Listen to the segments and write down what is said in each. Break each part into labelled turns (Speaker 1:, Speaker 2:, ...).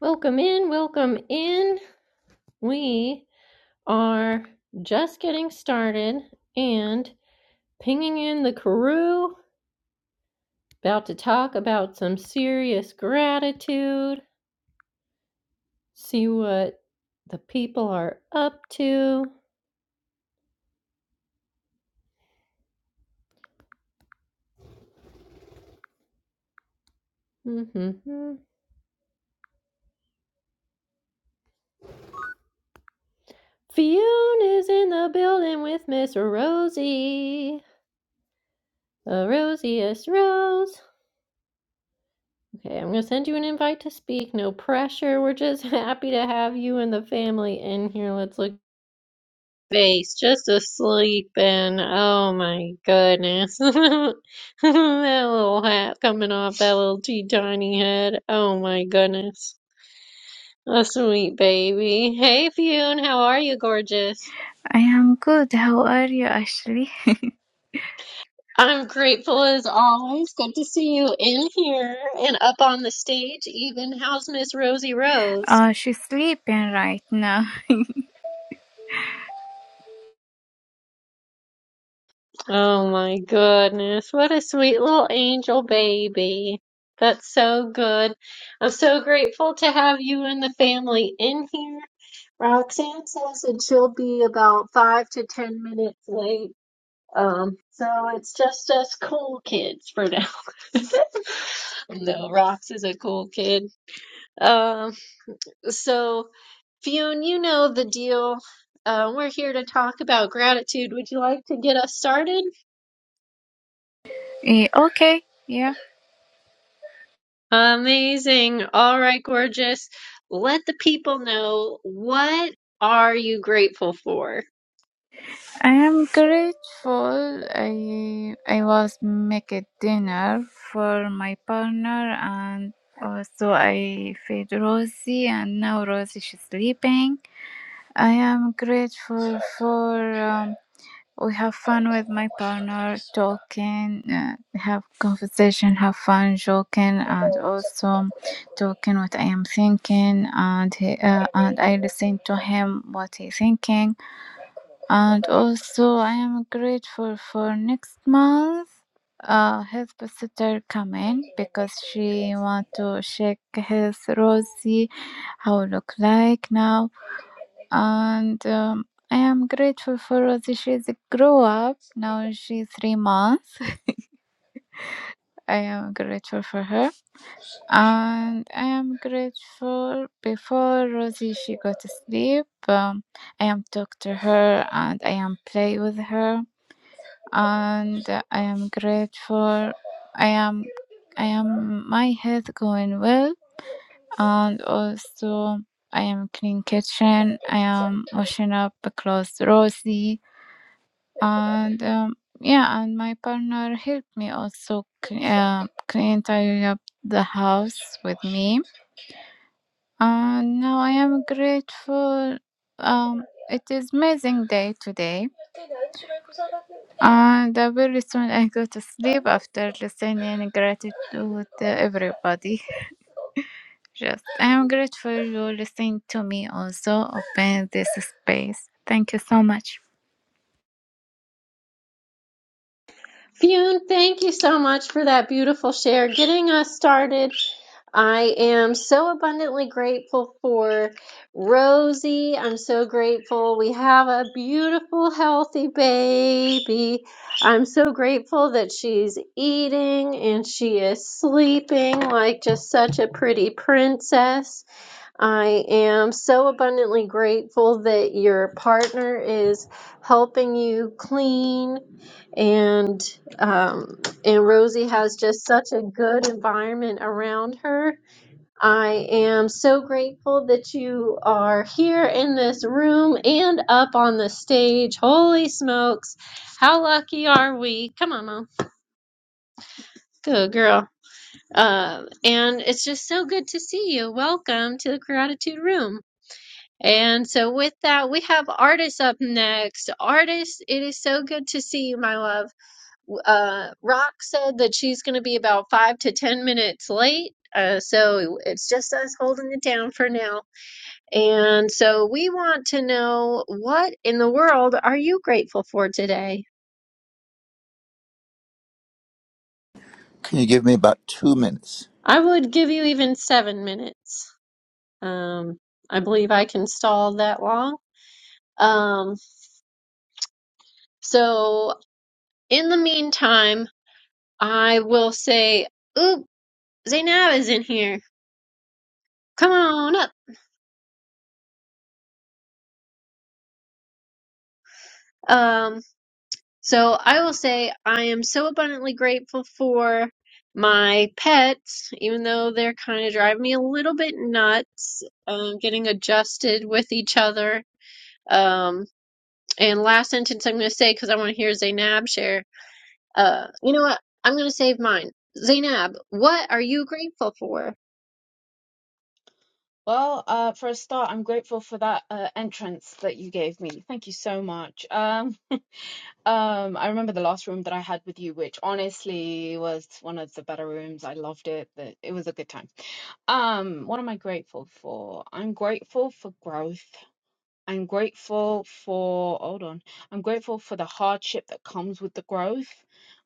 Speaker 1: Welcome in, welcome in. We are just getting started and pinging in the crew. About to talk about some serious gratitude, see what the people are up to. Mm-hmm. Fiona is in the building with Miss Rosie, the rosiest rose. Okay, I'm going to send you an invite to speak. No pressure. We're just happy to have you and the family in here. Let's look. face, just asleep, and oh my goodness, that little hat coming off that little tea tiny head. Oh my goodness, a sweet baby. Hey, Fune, how are you, gorgeous?
Speaker 2: I am good. How are you, Ashley?
Speaker 1: I'm grateful as always. Good to see you in here and up on the stage. Even how's Miss Rosie Rose?
Speaker 2: Uh, she's sleeping right now.
Speaker 1: Oh my goodness. What a sweet little angel baby. That's so good. I'm so grateful to have you and the family in here. Roxanne says that she'll be about five to ten minutes late. Um, so it's just us cool kids for now. No, Rox is a cool kid. Um, so Fionn, you know the deal. Uh, we're here to talk about gratitude. Would you like to get us started?
Speaker 2: Eh, okay. Yeah.
Speaker 1: Amazing. All right, gorgeous. Let the people know what are you grateful for?
Speaker 2: I am grateful. I I was making dinner for my partner and also I fed Rosie and now Rosie she's sleeping. I am grateful for um, we have fun with my partner talking uh, have conversation have fun joking and also talking what i am thinking and he, uh, and i listen to him what he thinking and also i am grateful for next month uh, his visitor coming because she want to check his Rosie, how look like now and um, I am grateful for Rosie. that she's a grow up now. She's three months. I am grateful for her, and I am grateful before Rosie she go to sleep. Um, I am talk to her and I am play with her, and uh, I am grateful. I am, I am my health going well, and also. I am clean kitchen. I am washing up the clothes, Rosie and um, yeah and my partner helped me also cl- uh, clean tidy up the house with me and now i am grateful um, it is amazing day today and uh, very soon i go to sleep after listening gratitude to everybody just i am grateful you listening to me also open this space thank you so much
Speaker 1: Fune, thank you so much for that beautiful share, getting us started. I am so abundantly grateful for Rosie. I'm so grateful we have a beautiful, healthy baby. I'm so grateful that she's eating and she is sleeping like just such a pretty princess. I am so abundantly grateful that your partner is helping you clean, and um, and Rosie has just such a good environment around her. I am so grateful that you are here in this room and up on the stage. Holy smokes, how lucky are we? Come on, mom, good girl. Uh, and it's just so good to see you. Welcome to the Gratitude Room. And so, with that, we have Artis up next. Artis, it is so good to see you, my love. W- Uh, Rock said that she's going to be about five to 10 minutes late. Uh, so, it's just us holding it down for now. And so, we want to know what in the world are you grateful for today?
Speaker 3: Can you give me about two minutes?
Speaker 1: I would give you even seven minutes. Um, I believe I can stall that long. Um, so, in the meantime, I will say, "Oop, Zainab is in here. Come on up." Um, so I will say I am so abundantly grateful for my pets, even though they're kind of driving me a little bit nuts, um, getting adjusted with each other. Um, and last sentence I'm going to say because I want to hear Zainab share. Uh, you know what? I'm going to save mine. Zainab, what are you grateful for?
Speaker 4: Well, uh, for a start, I'm grateful for that uh, entrance that you gave me. Thank you so much. Um, um, I remember the last room that I had with you, which honestly was one of the better rooms. I loved it. The- It was a good time. Um, what am I grateful for? I'm grateful for growth. I'm grateful for, hold on, I'm grateful for the hardship that comes with the growth.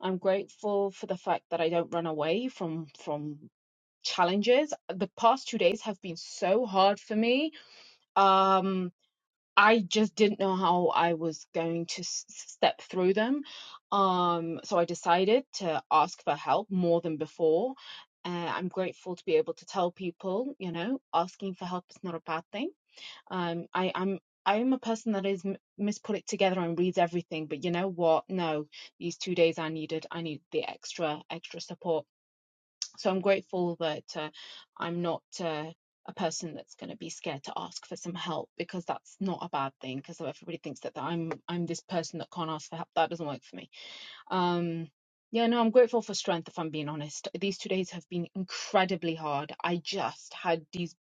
Speaker 4: I'm grateful for the fact that I don't run away from from challenges. The past two days have been so hard for me um I just didn't know how I was going to s- step through them. Um, so I decided to ask for help more than before. Uh, I'm grateful to be able to tell people, you know, asking for help is not a bad thing. Um, I, I'm I am a person that is m- mis put it together and reads everything, but you know what? No, these two days I needed I needed the extra extra support so I'm grateful that uh, I'm not uh, a person that's going to be scared to ask for some help because that's not a bad thing because everybody thinks that that I'm I'm this person that can't ask for help that doesn't work for me um yeah no I'm grateful for strength if I'm being honest these two days have been incredibly hard I just had these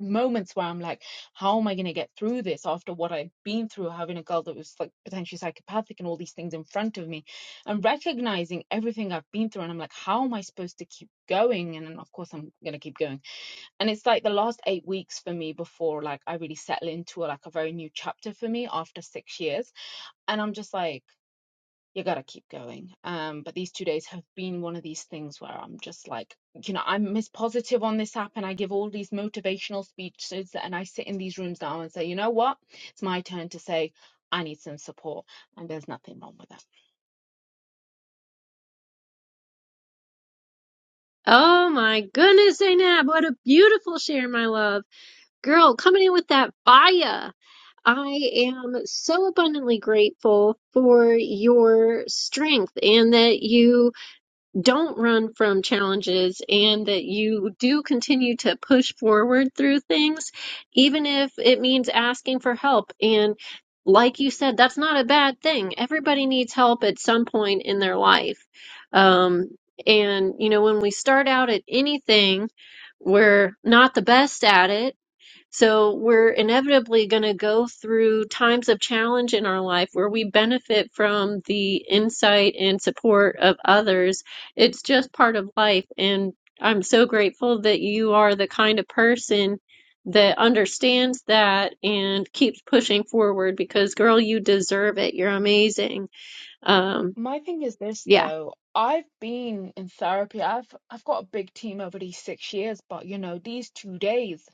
Speaker 4: moments where I'm like, how am I going to get through this after what I've been through, having a girl that was like potentially psychopathic and all these things in front of me, and recognizing everything I've been through. And I'm like, how am I supposed to keep going? And then, of course, I'm going to keep going. And it's like the last eight weeks for me before like I really settle into like a very new chapter for me after six years. And I'm just like, you gotta keep going. Um, but these two days have been one of these things where I'm just like, you know, I'm Miss Positive on this app and I give all these motivational speeches and I sit in these rooms now and say, you know what? It's my turn to say, I need some support. And there's nothing wrong with that.
Speaker 1: Oh my goodness, Zainab, what a beautiful share, my love. Girl, coming in with that fire. I am so abundantly grateful for your strength and that you don't run from challenges and that you do continue to push forward through things, even if it means asking for help. And like you said, that's not a bad thing. Everybody needs help at some point in their life. Um, and, you know, when we start out at anything, we're not the best at it so we're inevitably going to go through times of challenge in our life where we benefit from the insight and support of others. It's just part of life. And I'm so grateful that you are the kind of person that understands that and keeps pushing forward because, girl, you deserve it. You're amazing. Um,
Speaker 4: My thing is this
Speaker 1: yeah.
Speaker 4: though, I've been in therapy. I've I've got a big team over these six years, but you know, these two days,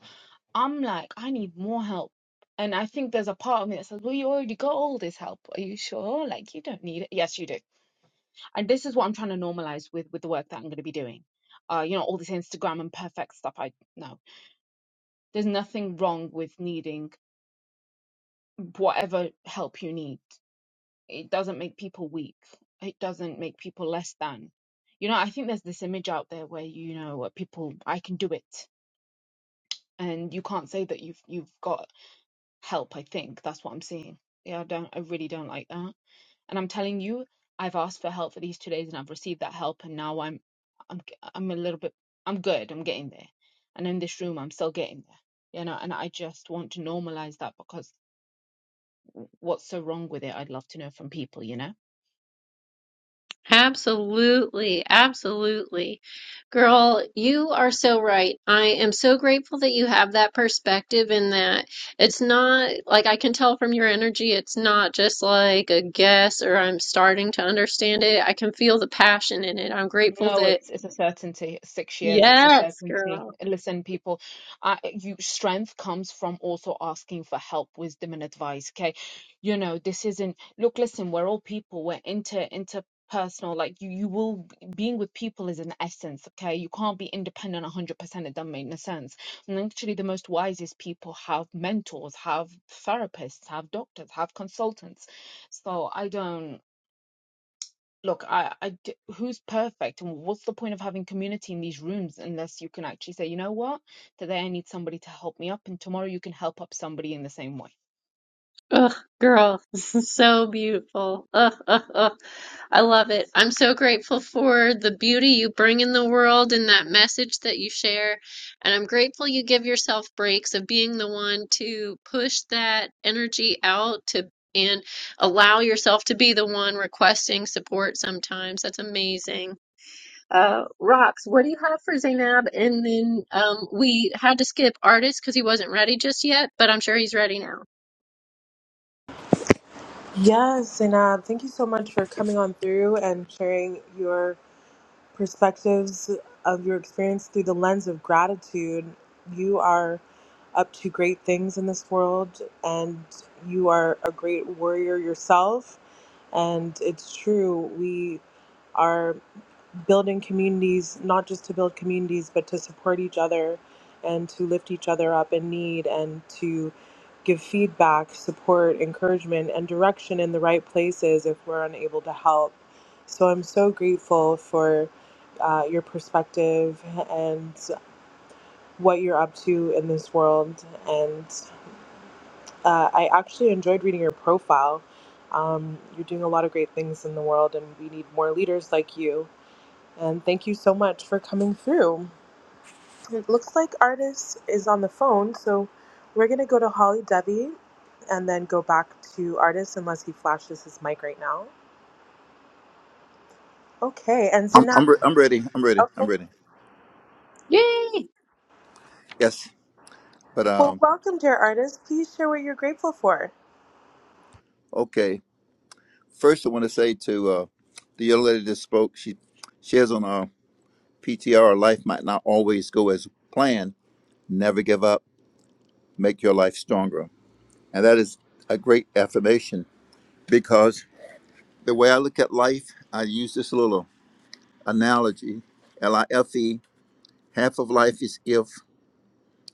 Speaker 4: I'm like, I need more help. And I think there's a part of me that says, Well, you already got all this help. Are you sure? Like, you don't need it. Yes, you do and this is what i'm trying to normalize with with the work that i'm going to be doing uh you know all this instagram and perfect stuff i no there's nothing wrong with needing whatever help you need it doesn't make people weak it doesn't make people less than you know i think there's this image out there where you know where people i can do it and you can't say that you've you've got help i think that's what i'm seeing yeah i don't i really don't like that And I'm telling you, I've asked for help for these two days and I've received that help and now I'm I'm am i I'm a little bit I'm good. I'm getting there. And in this room I'm still getting there. You know, and I just want to normalize that because what's so wrong with it? I'd love to know from people, you know.
Speaker 1: Absolutely, absolutely. Girl, you are so right. I am so grateful that you have that perspective and that it's not like I can tell from your energy, it's not just like a guess or I'm starting to understand it. I can feel the passion in it. I'm grateful
Speaker 4: No,
Speaker 1: that,
Speaker 4: it's it's a certainty. Six years, it's a
Speaker 1: yes, girl.
Speaker 4: certainty. Listen, people, uh, you strength comes from also asking for help, wisdom, and advice. Okay, you know this isn't. Look, listen, we're all people. We're inter interpersonal. Like you, you will being with people is an essence. Okay, you can't be independent 100%. It doesn't make no sense. And actually, the most wisest people have mentors, have therapists, have doctors, have consultants. So I don't look, I, I d- who's perfect, and what's the point of having community in these rooms unless you can actually say, you know what, today I need somebody to help me up, and tomorrow you can help up somebody in the same way.
Speaker 1: Ugh, girl, so beautiful. Ugh, ugh, ugh. I love it. I'm so grateful for the beauty you bring in the world and that message that you share. And I'm grateful you give yourself breaks of being the one to push that energy out to and allow yourself to be the one requesting support sometimes. That's amazing. Uh, Rocks, what do you have for Zainab? And then um, we had to skip artist because he wasn't ready just yet, but I'm sure he's ready now.
Speaker 5: Yes, and uh, thank you so much for coming on through and sharing your perspectives of your experience through the lens of gratitude. You are up to great things in this world, and you are a great warrior yourself. And it's true, we are building communities, not just to build communities, but to support each other and to lift each other up in need and to give feedback, support, encouragement, and direction in the right places if we're unable to help. So I'm so grateful for uh, your perspective and what you're up to in this world. And uh, I actually enjoyed reading your profile. Um, you're doing a lot of great things in the world, and we need more leaders like you and thank you so much for coming through. It looks like artist is on the phone, so we're gonna go to Holly Devi and then go back to artist unless he flashes his mic right now. Okay, and
Speaker 3: I'm
Speaker 5: Zinab.
Speaker 3: I'm, re- I'm ready. I'm ready. I'm
Speaker 5: oh,
Speaker 3: ready.
Speaker 1: Yay.
Speaker 3: Yes. But
Speaker 5: well,
Speaker 3: um
Speaker 5: welcome, dear artist. Please share what you're grateful for.
Speaker 3: okay. First I want to say to uh the young lady that spoke, she she has on our PTR life might not always go as planned. Never give up, make your life stronger. And that is a great affirmation because the way I look at life, I use this little analogy, L I F E, half of life is if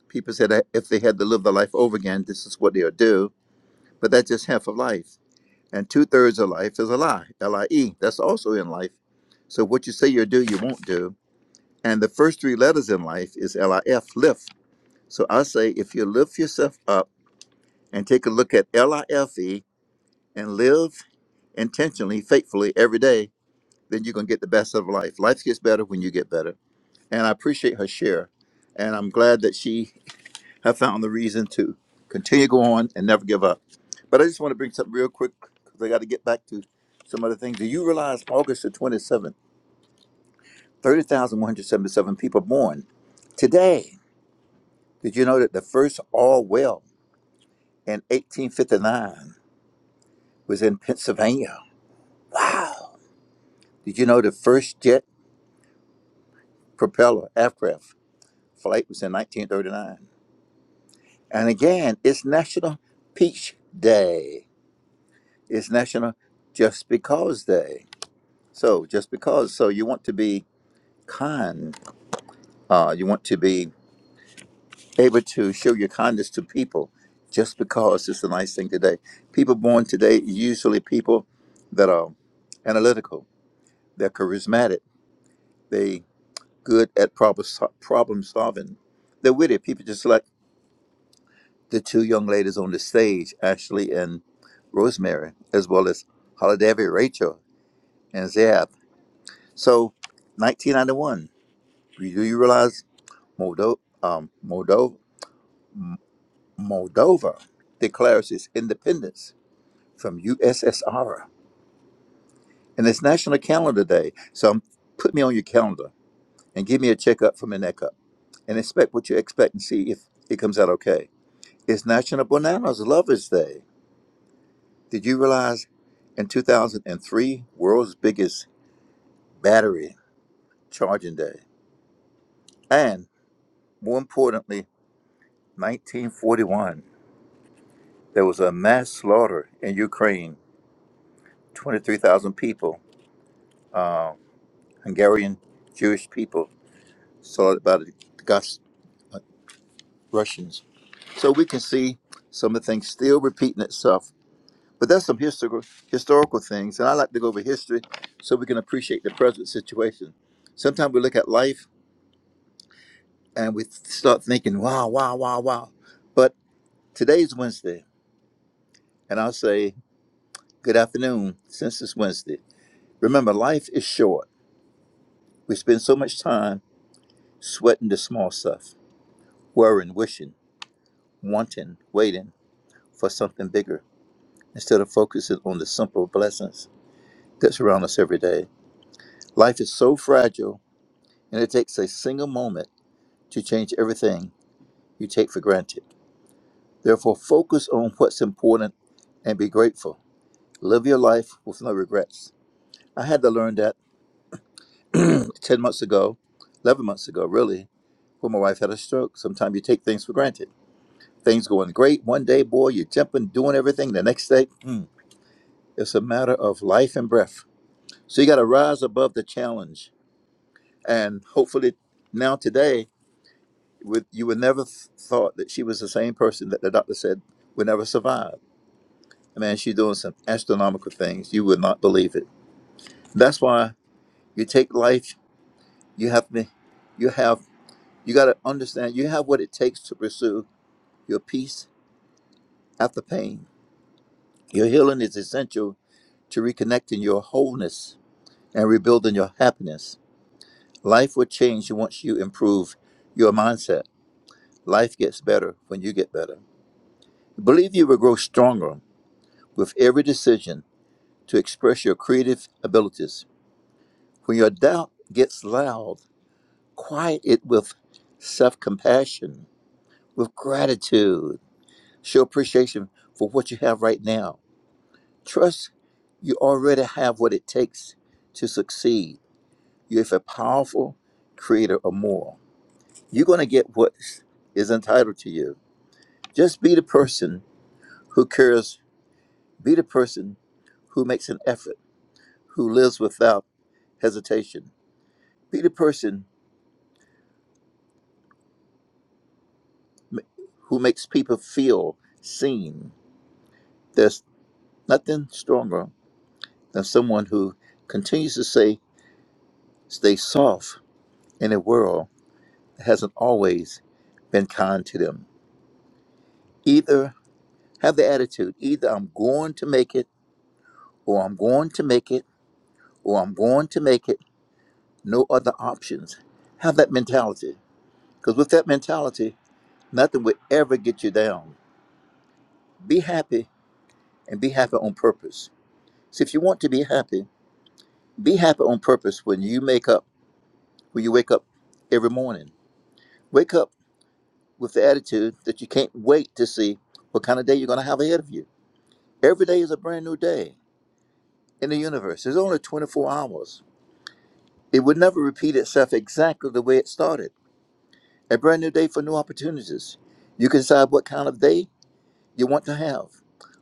Speaker 3: people said that if they had to live their life over again, this is what they'll do but that's just half of life. And two thirds of life is a lie, L I E. That's also in life. So what you say you'll do, you won't do. And the first three letters in life is L I F, lift. So I say if you lift yourself up and take a look at L I F E and live intentionally, faithfully every day, then you're going to get the best of life. Life gets better when you get better. And I appreciate her share. And I'm glad that she have found the reason to continue to go on and never give up. But I just want to bring something real quick because I got to get back to some other things. Do you realize August the 27th, 30,177 people born today? Did you know that the first all well in 1859 was in Pennsylvania? Wow. Did you know the first jet propeller aircraft flight was in 1939? And again, it's National Peach Day. It's National Just Because Day. So just because, so you want to be kind, uh, you want to be able to show your kindness to people, just because it's a nice thing today. People born today usually people that are analytical, they're charismatic, they good at problem sol- problem solving, they're witty. People just like the two young ladies on the stage, Ashley and Rosemary, as well as Holiday, Rachel, and Zab. So, 1991. Do you realize? Moldo- um, Moldo- Moldova declares its independence from USSR. And it's National Calendar Day. So um, put me on your calendar and give me a checkup from the neck up and expect what you expect and see if it comes out okay. It's National Bananas Lovers Day. Did you realize in 2003, world's biggest battery charging day? And more importantly, 1941, there was a mass slaughter in Ukraine 23,000 people uh, Hungarian Jewish people saw it about the Gus uh, Russians. So we can see some of the things still repeating itself. But that's some historical historical things, and I like to go over history so we can appreciate the present situation. Sometimes we look at life and we start thinking, "Wow, wow, wow, wow," but today's Wednesday, and I'll say good afternoon since it's Wednesday. Remember, life is short. We spend so much time sweating the small stuff, worrying, wishing. wanting, waiting for something bigger instead of focusing on the simple blessings that surround us every day. Life is so fragile, and it takes a single moment to change everything you take for granted. Therefore, focus on what's important and be grateful. Live your life with no regrets. I had to learn that 10 months ago, 11 months ago, really, when my wife had a stroke. Sometimes you take things for granted. Things going great one day, boy, you're jumping, doing everything. The next day, hmm, it's a matter of life and breath. So you got to rise above the challenge. And hopefully, now today, with you would never th- thought that she was the same person that the doctor said would never survive. I mean, she's doing some astronomical things. You would not believe it. That's why you take life. You have to, you have, you got to understand. You have what it takes to pursue your peace after pain. Your healing is essential to reconnecting your wholeness and rebuilding your happiness. Life will change once you improve your mindset Life gets better when you get better. Believe you will grow stronger with every decision to express your creative abilities. When your doubt gets loud, quiet it with self compassion, with gratitude. Show appreciation for what you have right now. Trust you already have what it takes to succeed. You have a powerful creator or more. You're going to get what is entitled to you. Just be the person who cares Be the person who makes an effort, who lives without hesitation. Be the person m- who makes people feel seen. There's nothing stronger than someone who continues to say, stay soft in a world that hasn't always been kind to them. Either have the attitude, either I'm going to make it, or I'm going to make it, or I'm going to make it. No other options. Have that mentality. Because with that mentality, Nothing will ever get you down. Be happy and be happy on purpose. So if you want to be happy, be happy on purpose when you make up, when you wake up every morning. Wake up with the attitude that you can't wait to see what kind of day you're going to have ahead of you. Every day is a brand new day in the universe. There's only 24 hours. It would never repeat itself exactly the way it started. A brand new day for new opportunities. You can decide what kind of day you want to have.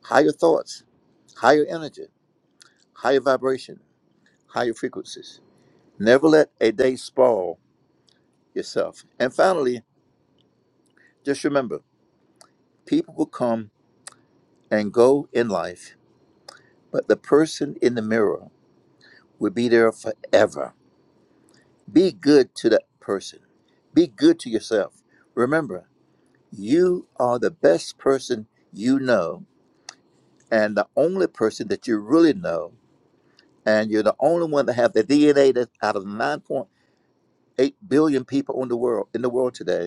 Speaker 3: Higher thoughts, higher energy, higher vibration. higher frequencies. Never let a day spoil yourself. And finally, just remember people will come and go in life, but the person in the mirror will be there forever. Be good to that person, be good to yourself. Remember, you are the best person you know and the only person that you really know. And you're the only one that have the DNA that out of 9.8 billion people in the world in the world today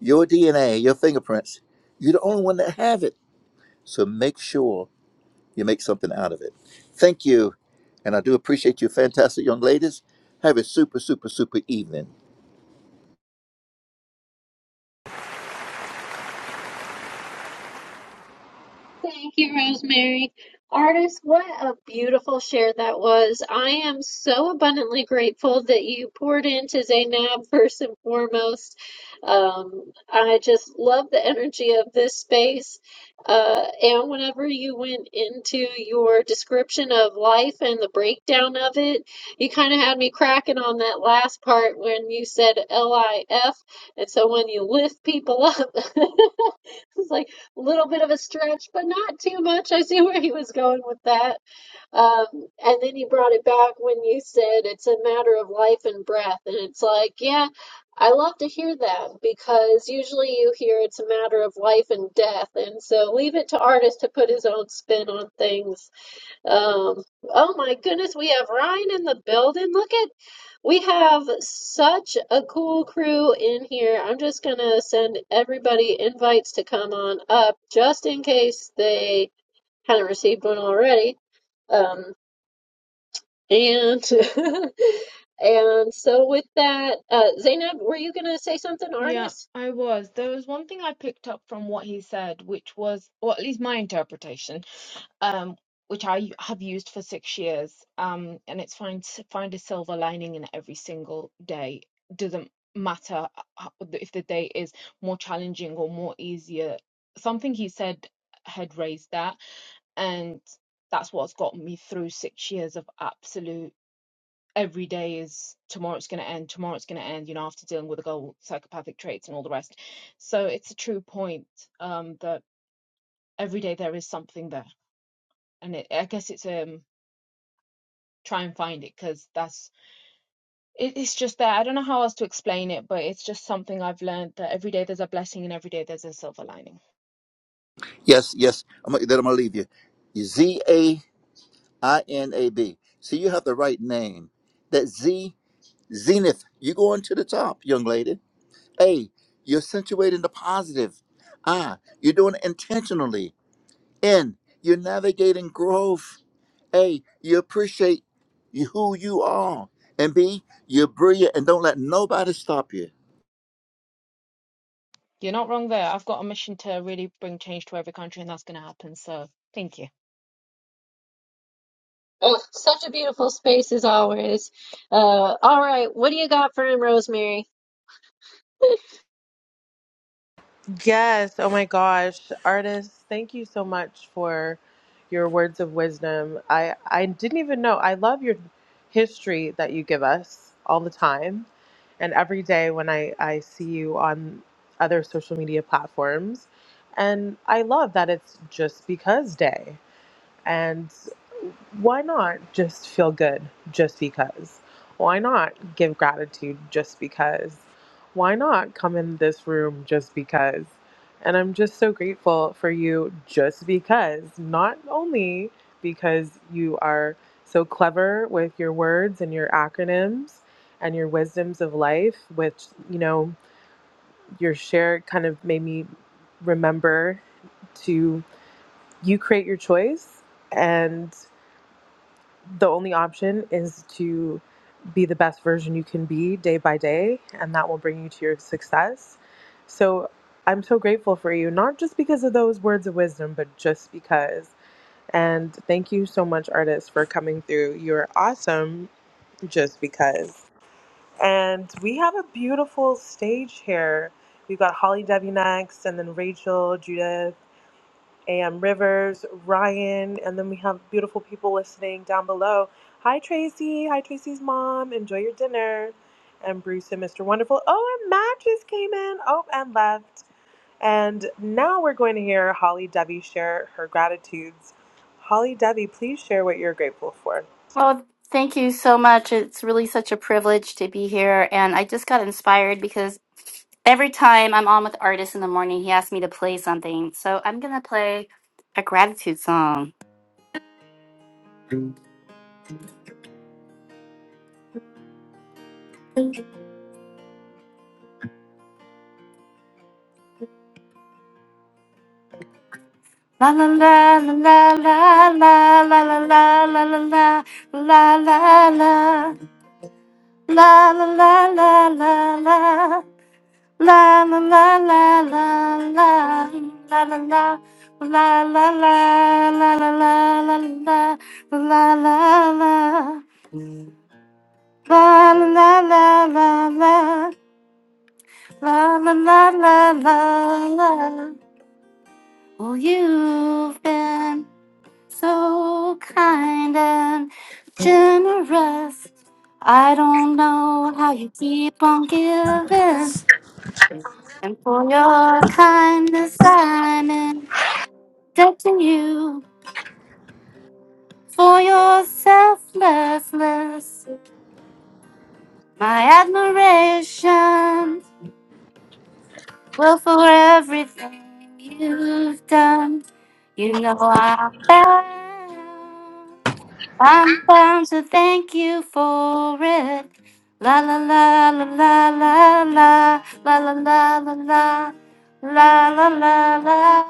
Speaker 3: your DNA, your fingerprints. You're the only one that have it. So make sure you make something out of it. Thank you. And I do appreciate you, fantastic young ladies. Have a super, super, super evening.
Speaker 1: Thank you, Rosemary. Artist, what a beautiful share that was. I am so abundantly grateful that you poured into Zainab first and foremost. Um, I just love the energy of this space. Uh, and whenever you went into your description of life and the breakdown of it, you kind of had me cracking on that last part when you said L I F. And so when you lift people up, it's like little bit of a stretch, but not too much. I see where he was going with that. Um, and then he brought it back when you said it's a matter of life and breath. And it's like, yeah, I love to hear that because usually you hear it's a matter of life and death. And so leave it to artists to put his own spin on things. Um, oh my goodness, we have Ryan in the building. Look at we have such a cool crew in here. I'm just gonna send everybody invites to come on up just in case they haven't received one already. Um, and and so with that, uh, Zainab, were you gonna say something,
Speaker 4: Yeah,
Speaker 1: artist?
Speaker 4: I was. There was one thing I picked up from what he said, which was, or at least my interpretation. um, which I u- have used for six years, um, and it's find s- find a silver lining in every single day. Doesn't matter ho- if the day is more challenging or more easier. Something he said had raised that, and that's what's got me through six years of absolute. Every day is tomorrow. It's going to end. Tomorrow it's going to end. You know, after dealing with the girl with psychopathic traits and all the rest. So it's a true point um, that every day there is something there, and it, I guess it's um try and find it because that's it, it's just there. I don't know how else to explain it, but it's just something I've learned that every day there's a blessing and every day there's a silver lining.
Speaker 3: Yes, yes. I'm, gonna- then I'm going to leave you. Z A I N A B. See, you have the right name. That Z, Zenith. You're going to the top, young lady. A, you're accentuating the positive. I, you're doing it intentionally. N, you're navigating growth. A, you appreciate you- who you are. And B, you're brilliant and don't let nobody stop you.
Speaker 4: You're not wrong there. I've got a mission to really bring change to every country, and that's going to happen. So thank you.
Speaker 1: Oh, such a beautiful space as always. Uh, all right, what do you got for him, Rosemary?
Speaker 5: Yes. Oh my gosh. Artists, thank you so much for your words of wisdom. I, I didn't even know. I love your history that you give us all the time. And every day when I, I see you on other social media platforms. And I love that it's just because day. And why not just feel good just because? Why not give gratitude just because? Why not come in this room just because? And I'm just so grateful for you just because, not only because you are so clever with your words and your acronyms and your wisdoms of life, which, you know, your share kind of made me remember to you create your choice and the only option is to be the best version you can be day by day, and that will bring you to your success. So I'm so grateful for you, not just because of those words of wisdom, but just because. And thank you so much, artists, for coming through. You're awesome just because. And we have a beautiful stage here. We've got Holly W next, and then Rachel, Judith, AM Rivers, Ryan, and then we have beautiful people listening down below. Hi, Tracy. Hi, Tracy's mom. Enjoy your dinner. And Bruce and Mr. Wonderful. Oh, and Matt just came in. Oh, and left. And now we're going to hear Holly Devi share her gratitudes. Holly Devi, please share what you're grateful for.
Speaker 6: Well, thank you so much. It's really such a privilege to be here. And I just got inspired because every time I'm on with artists in the morning, he asks me to play something. So I'm going to play a gratitude song. La la la la la la la la la la la la la la la la la la la la la la La la la la la la la la la. La la la la la la la la la la la. La la la la la la la la la la la. Oh, you've been so kind and generous. I don't know how you keep on giving, and for your kindness, I'm in Touching you for your selflessness. My admiration. Well, for everything you've done, you know I'm bound. I'm bound to thank you for it. La la la la la la la la la la la la la la la la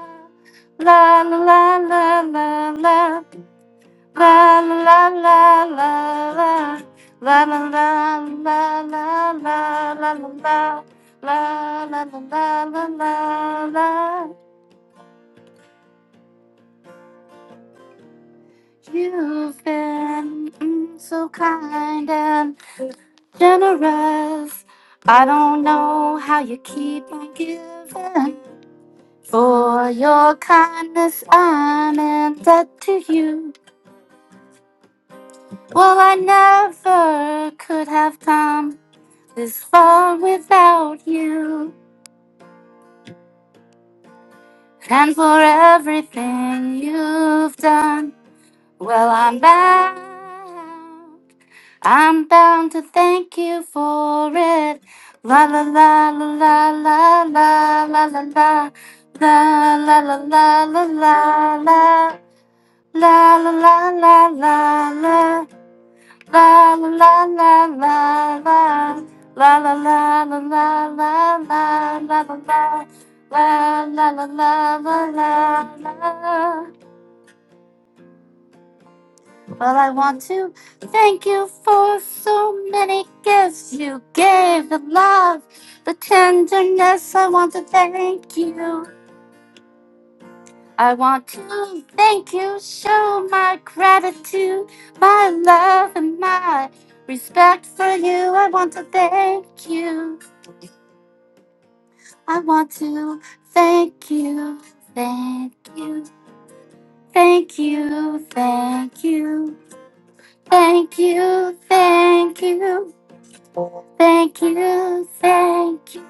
Speaker 6: la la la la la la La la la la la la la la la la la la la la la la la la la You've been mm, so kind and generous. I don't know how you keep on giving. For your kindness, I'm in debt to you. Well, I never could have come. This far without you, and for everything you've done. Well, I'm bound. I'm bound to thank you for it. La la la la la la la la la la la la la la la la la la la la la la la La la la la la la la la la la la la la la la la la la la la la. Well, I want to thank you for so many gifts you gave the love, the tenderness. I want to thank you. I want to thank you, show my gratitude, my love, and my respect for you. I want to thank you. I want to thank you, thank you, thank you, thank you, thank you, thank you, thank you, thank you.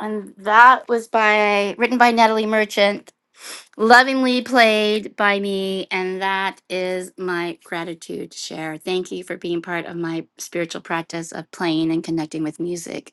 Speaker 6: And that was by written by Natalie Merchant, lovingly played by me, and that is my gratitude share. Thank you for being part of my spiritual practice of playing and connecting with music.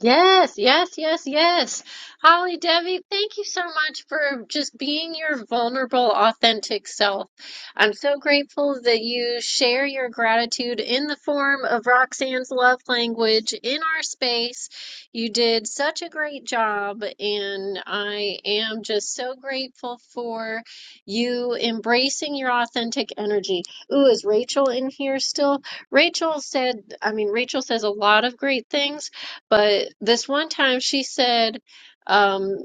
Speaker 1: Yes, yes, yes, yes. Holly Devi, thank you so much for just being your vulnerable, authentic self. I'm so grateful that you share your gratitude in the form of Roxanne's love language in our space. You did such a great job, and I am just so grateful for you embracing your authentic energy. Ooh, is Rachel in here still? Rachel said, I mean, Rachel says a lot of great things but this one time she said um,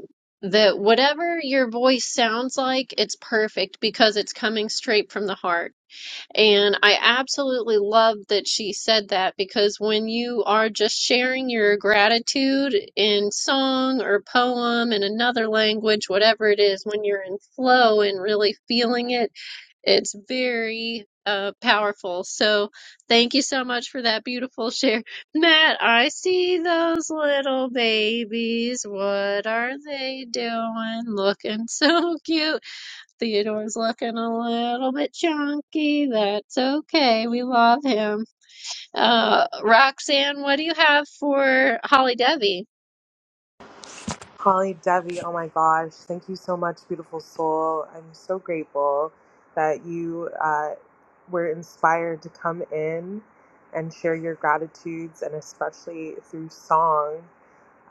Speaker 1: that whatever your voice sounds like, it's perfect because it's coming straight from the heart. And I absolutely love that she said that because when you are just sharing your gratitude in song or poem in another language, whatever it is, when you're in flow and really feeling it it's very uh, powerful. So thank you so much for that beautiful share. Matt, I see those little babies. What are they doing? Looking so cute. Theodore's looking a little bit chunky. That's okay. We love him. Uh, Roxanne, what do you have for Holly Devi?
Speaker 5: Holly Devi, oh my gosh, thank you so much, beautiful soul. I'm so grateful that you uh, were inspired to come in and share your gratitudes, and especially through song.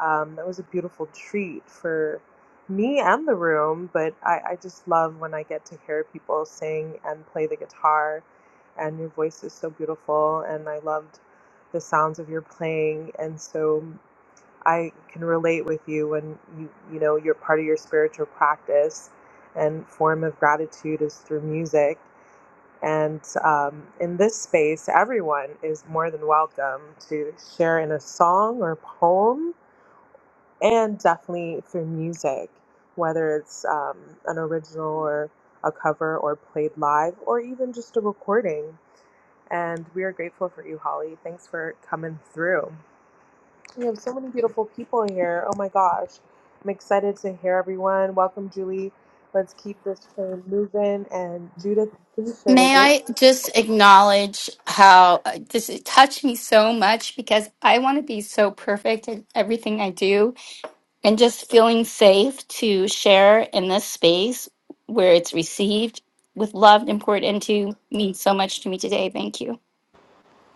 Speaker 5: Um, that was a beautiful treat for me and the room, but I, I just love when I get to hear people sing and play the guitar, and your voice is so beautiful, and I loved the sounds of your playing, and so. I can relate with you when you you know you're part of your spiritual practice and form of gratitude is through music. And um, in this space, everyone is more than welcome to share in a song or poem, and definitely through music, whether it's um, an original or a cover or played live, or even just a recording. And we are grateful for you, Holly. Thanks for coming through. We have so many beautiful people here. Oh my gosh. I'm excited to hear everyone. Welcome, Julie. Let's keep this train moving. And Judith, please share what
Speaker 6: May
Speaker 5: your
Speaker 6: I
Speaker 5: playlist
Speaker 6: just
Speaker 5: was.
Speaker 6: acknowledge how uh, this it touched me so much because I want to be so perfect in everything I do and just feeling safe to share in this space where it's received with love and poured into means so much to me today. Thank you.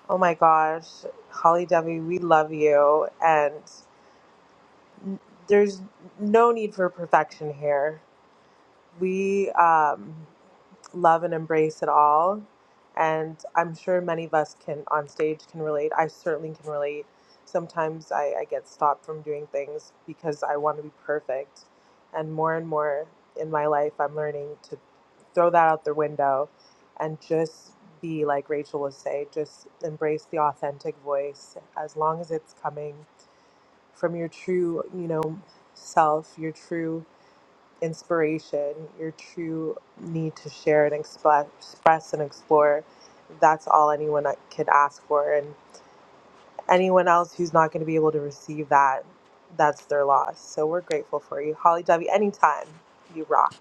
Speaker 5: Oh my gosh. Holly Debbie, we love you. And there's no need for perfection here. We um, love and embrace it all. And I'm sure many of us can on stage can relate. I certainly can relate. Sometimes I, I get stopped from doing things because I want to be perfect. And more and more in my life, I'm learning to throw that out the window and just be like Rachel would say, just embrace the authentic voice as long as it's coming from your true, you know, self, your true inspiration, your true need to share and express, express and explore. That's all anyone I- could ask for. And anyone else who's not going to be able to receive that, that's their loss. So we're grateful for you. Holly Debbie, anytime you rock.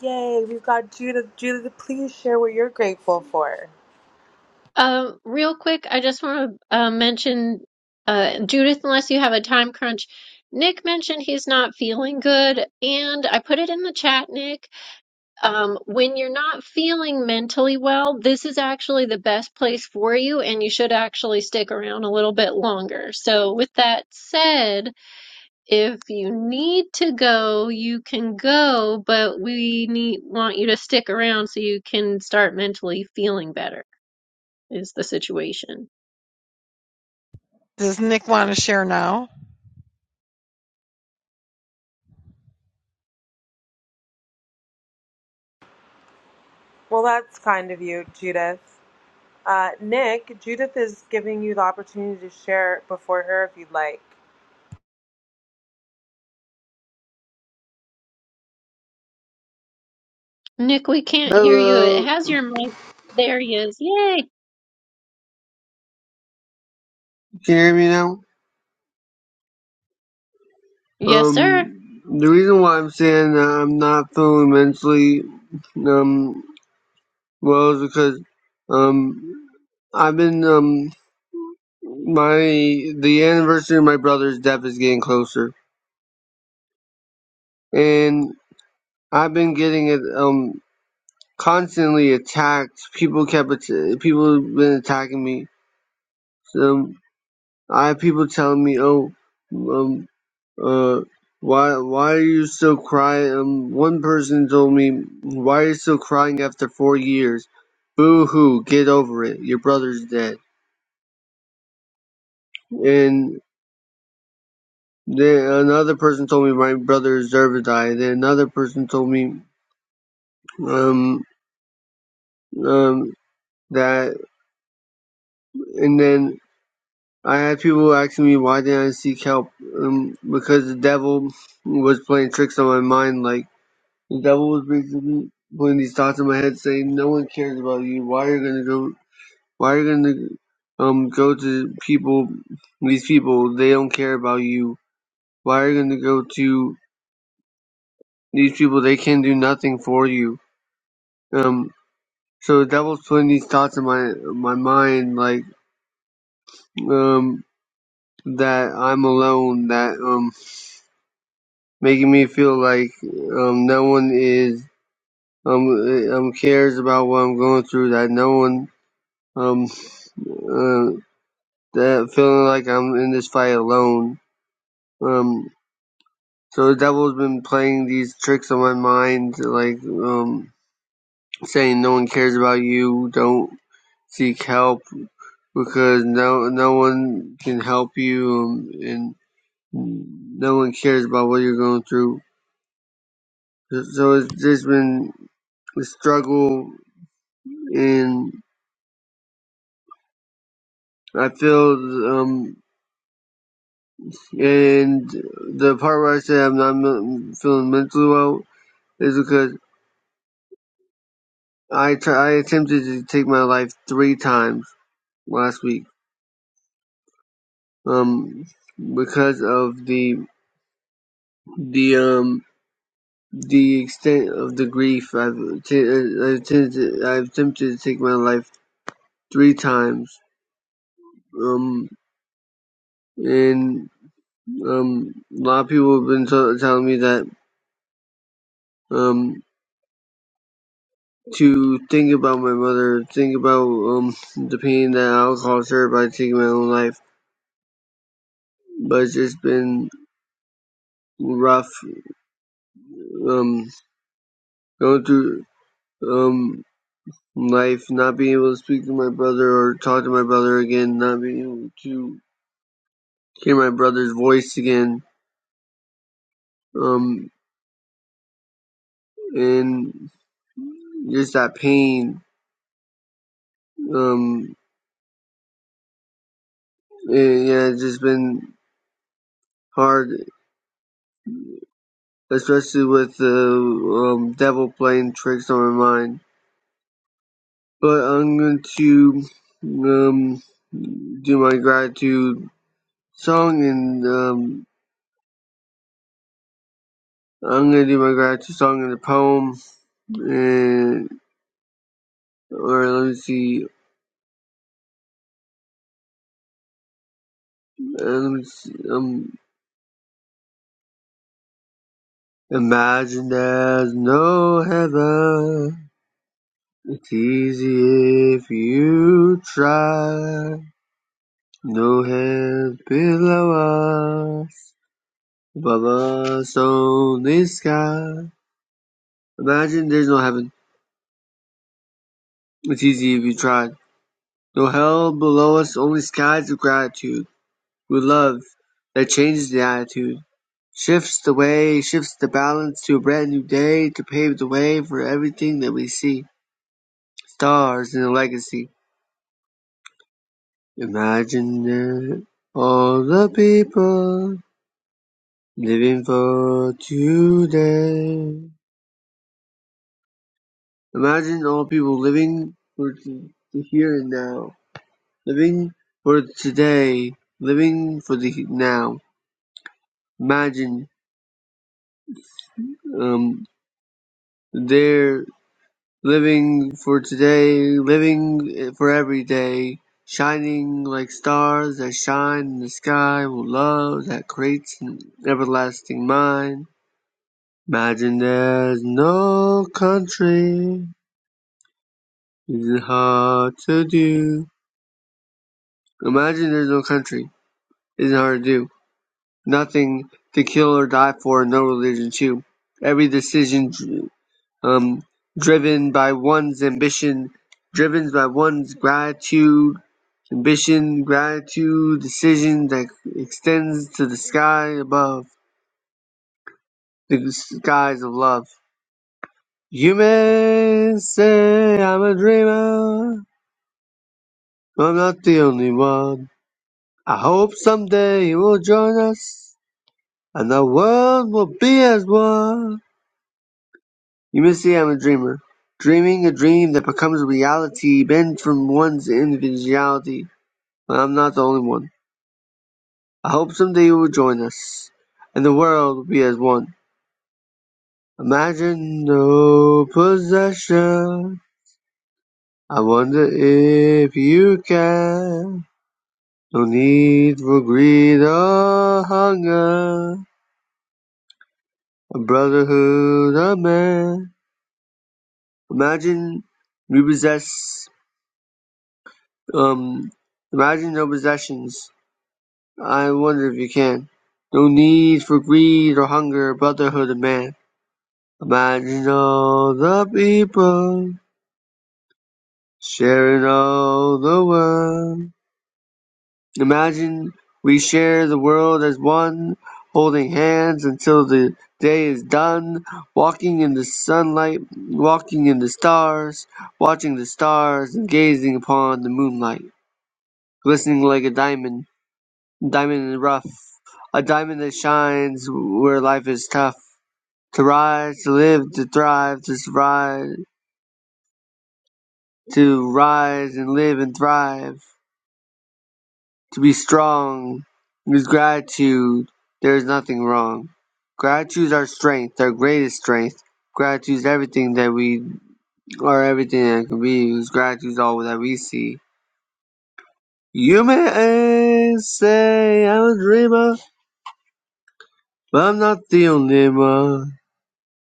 Speaker 5: Yay, we've got Judith. Judith, please share what you're grateful for.
Speaker 1: Um, real quick, I just want to uh, mention uh, Judith, unless you have a time crunch. Nick mentioned he's not feeling good, and I put it in the chat, Nick. Um, when you're not feeling mentally well, this is actually the best place for you, and you should actually stick around a little bit longer. So, with that said, if you need to go, you can go, but we need want you to stick around so you can start mentally feeling better, is the situation.
Speaker 7: Does Nick want to share now?
Speaker 5: Well, that's kind of you, Judith. Uh, Nick, Judith is giving you the opportunity to share before her if you'd like.
Speaker 1: Nick, we can't hear you. It
Speaker 8: Hello,
Speaker 1: has your mic. There he is. Yay!
Speaker 8: can you hear me now?
Speaker 1: Yes, sir.
Speaker 8: Um, the reason why I'm saying that I'm not feeling mentally um well is because um I've been um my the anniversary of my brother's death is getting closer, and I've been getting it um constantly attacked. People kept att- people have been attacking me. So I have people telling me, oh. um." uh, why why are you still crying? Um, one person told me, why are you still crying after four years? Boo hoo, get over it. Your brother's dead. And then another person told me my brother deserved to die. Then another person told me, um, um, that, and then I had people asking me why didn't I seek help? Um, because the devil was playing tricks on my mind, like. The devil was basically putting these thoughts in my head, saying, "No one cares about you. Why are you gonna go? Why are you gonna um go to people? These people they don't care about you. Why are you gonna go to these people? They can do nothing for you." Um. So the devil's putting these thoughts in my my mind, like um that I'm alone, that um making me feel like um no one is um uh, um cares about what I'm going through, that no one um uh." that feeling like I'm in this fight alone. Um, so the devil's been playing these tricks on my mind, like um, saying no one cares about you, don't seek help because no no one can help you, um, and no one cares about what you're going through. So it's just been a struggle, and I feel um, and the part where I say I'm not feeling mentally well is because I tr- I attempted to take my life three times last week. Um, because of the the um the extent of the grief, I've t- I've attempted I've attempted to take my life three times. Um, and um, a lot of people have been t- telling me that um to think about my mother, think about um the pain that I'll cause her by taking my own life. But it's just been rough. Um, going through. um life, not being able to speak to my brother or talk to my brother again, not being able to hear my brother's voice again, um, and just that pain, um, and, yeah, it's just been hard, especially with the um, devil playing tricks on my mind. But I'm going to um do my gratitude song and um. I'm gonna do my gratitude song and the poem, and. or let me see, um, um, imagine there's no heaven. It's easy if you try. No hands below us, above us only sky. Imagine there's no heaven. It's easy if you try. No hell below us, only skies of gratitude. With love that changes the attitude. Shifts the way, shifts the balance to a brand new day to pave the way for everything that we see. Stars in a legacy. Imagine it. All the people living for today. Imagine all people living for the here and now. Living for today. Living for the now. Imagine um, their. Living for today, living for every day, shining like stars that shine in the sky with love that creates an everlasting mind. Imagine there's no country, isn't hard to do. Imagine there's no country, isn't hard to do. Nothing to kill or die for, no religion too. Every decision um, driven by one's ambition, driven by one's gratitude, ambition, gratitude, decision that extends to the sky above, the skies of love. You may say I'm a dreamer, but I'm not the only one. I hope someday you will join us, and the world will be as one. You may say I'm a dreamer, dreaming a dream that becomes reality, bent from one's individuality. But I'm not the only one. I hope someday you will join us, and the world will be as one. Imagine no possession. I wonder if you can. No need for greed or hunger. A brotherhood of man. Imagine we possess, um, imagine no possessions. I wonder if you can. No need for greed or hunger, A brotherhood of man. Imagine all the people sharing all the world. Imagine we share the world as one, holding hands until the day is done, walking in the sunlight, walking in the stars, watching the stars and gazing upon the moonlight, glistening like a diamond, diamond in the rough, a diamond that shines where life is tough. To rise, to live, to thrive, to survive, to rise and live and thrive, to be strong. With gratitude, there is nothing wrong. Gratitude is our strength, our greatest strength. Gratitude is everything that we are, everything that can be. Because gratitude is all that we see. You may say I'm a dreamer, but I'm not the only one.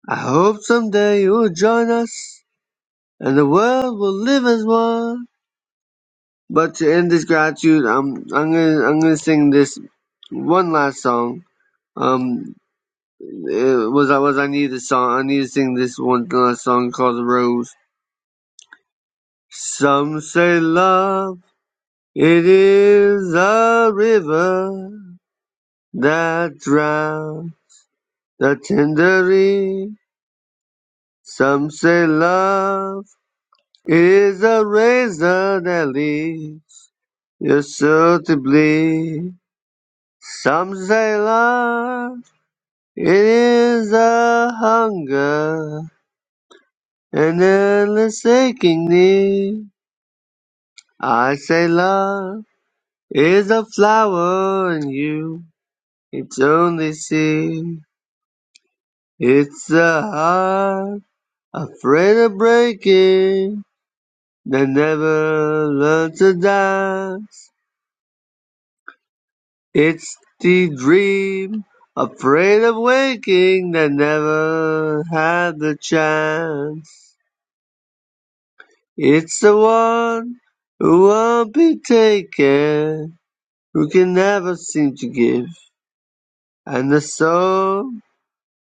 Speaker 8: I hope someday you'll join us, and the world will live as one. But to end this gratitude, um, I'm gonna I'm gonna sing this one last song. Um, it was I was I need a song. I need to sing this one last song called "The Rose." Some say love it is a river that drowns the tender reed. Some say love it is a razor that leaves your soul to bleed. Some say love. It is a hunger, an endless aching need. I say love is a flower and you, its only seed. It's a heart afraid of breaking that never learned to dance. It's the dream afraid of waking that never had the chance. It's the one who won't be taken, who can never seem to give. And the soul,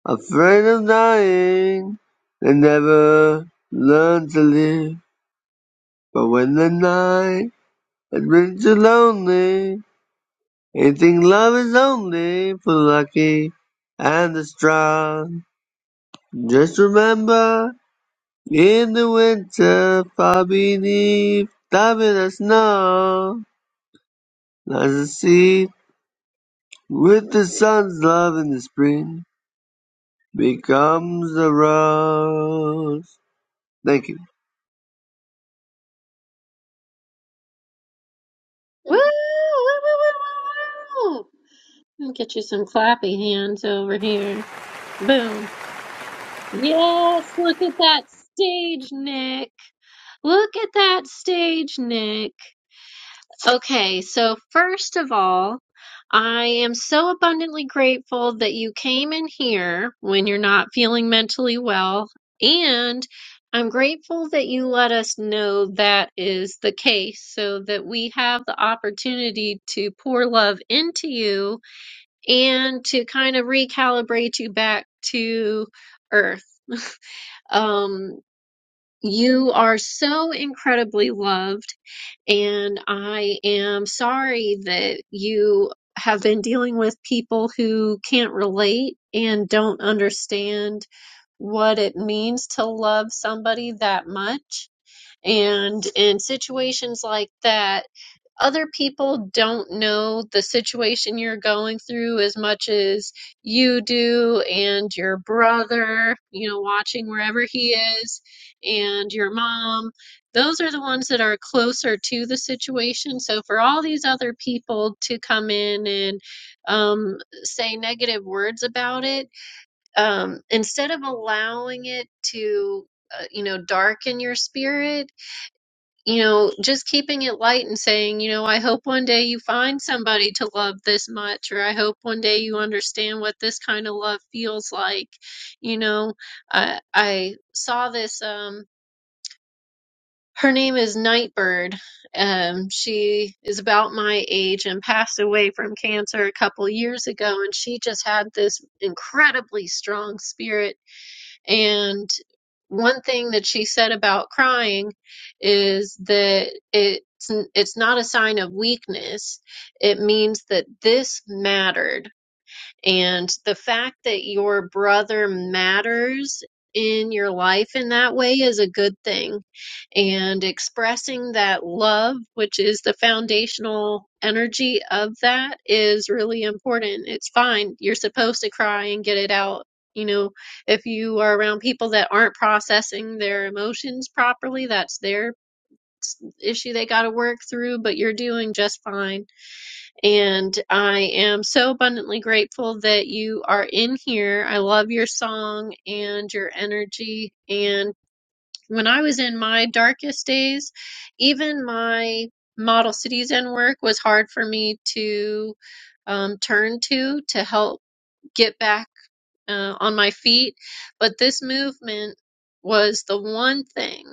Speaker 8: afraid of dying, they never learn to live. But when the night has been too lonely, they think love is only for the lucky and the strong. Just remember, in the winter, far beneath, diamond and snow. Lies a seed With the sun's love in the spring becomes a rose. Thank you.
Speaker 1: Woo! Woo! Woo! Woo! Woo! woo. Let me get you some clappy hands over here. Boom. Yes, look at that stage, Nick. Look at that stage, Nick. Okay, so first of all, I am so abundantly grateful that you came in here when you're not feeling mentally well, and I'm grateful that you let us know that is the case so that we have the opportunity to pour love into you and to kind of recalibrate you back to earth. Um, you are so incredibly loved and I am sorry that you have been dealing with people who can't relate and don't understand what it means to love somebody that much. And in situations like that, other people don't know the situation you're going through as much as you do and your brother, you know, watching wherever he is and your mom. Those are the ones that are closer to the situation. So for all these other people to come in and um, say negative words about it, um, instead of allowing it to, uh, you know, darken your spirit, you know, just keeping it light and saying, you know, I hope one day you find somebody to love this much, or I hope one day you understand what this kind of love feels like. You know, I I saw this. Um, her name is Nightbird. Um, she is about my age and passed away from cancer a couple years ago, and she just had this incredibly strong spirit and one thing that she said about crying is that it's it's not a sign of weakness. It means that this mattered and the fact that your brother matters in your life in that way is a good thing. And expressing that love, which is the foundational energy of that, is really important. It's fine. You're supposed to cry and get it out. You know, if you are around people that aren't processing their emotions properly, that's their issue they got to work through, but you're doing just fine and I am so abundantly grateful that you are in here. I love your song and your energy. And when I was in my darkest days, even my model cities and work was hard for me to um, turn to to help get back uh, on my feet. But this movement was the one thing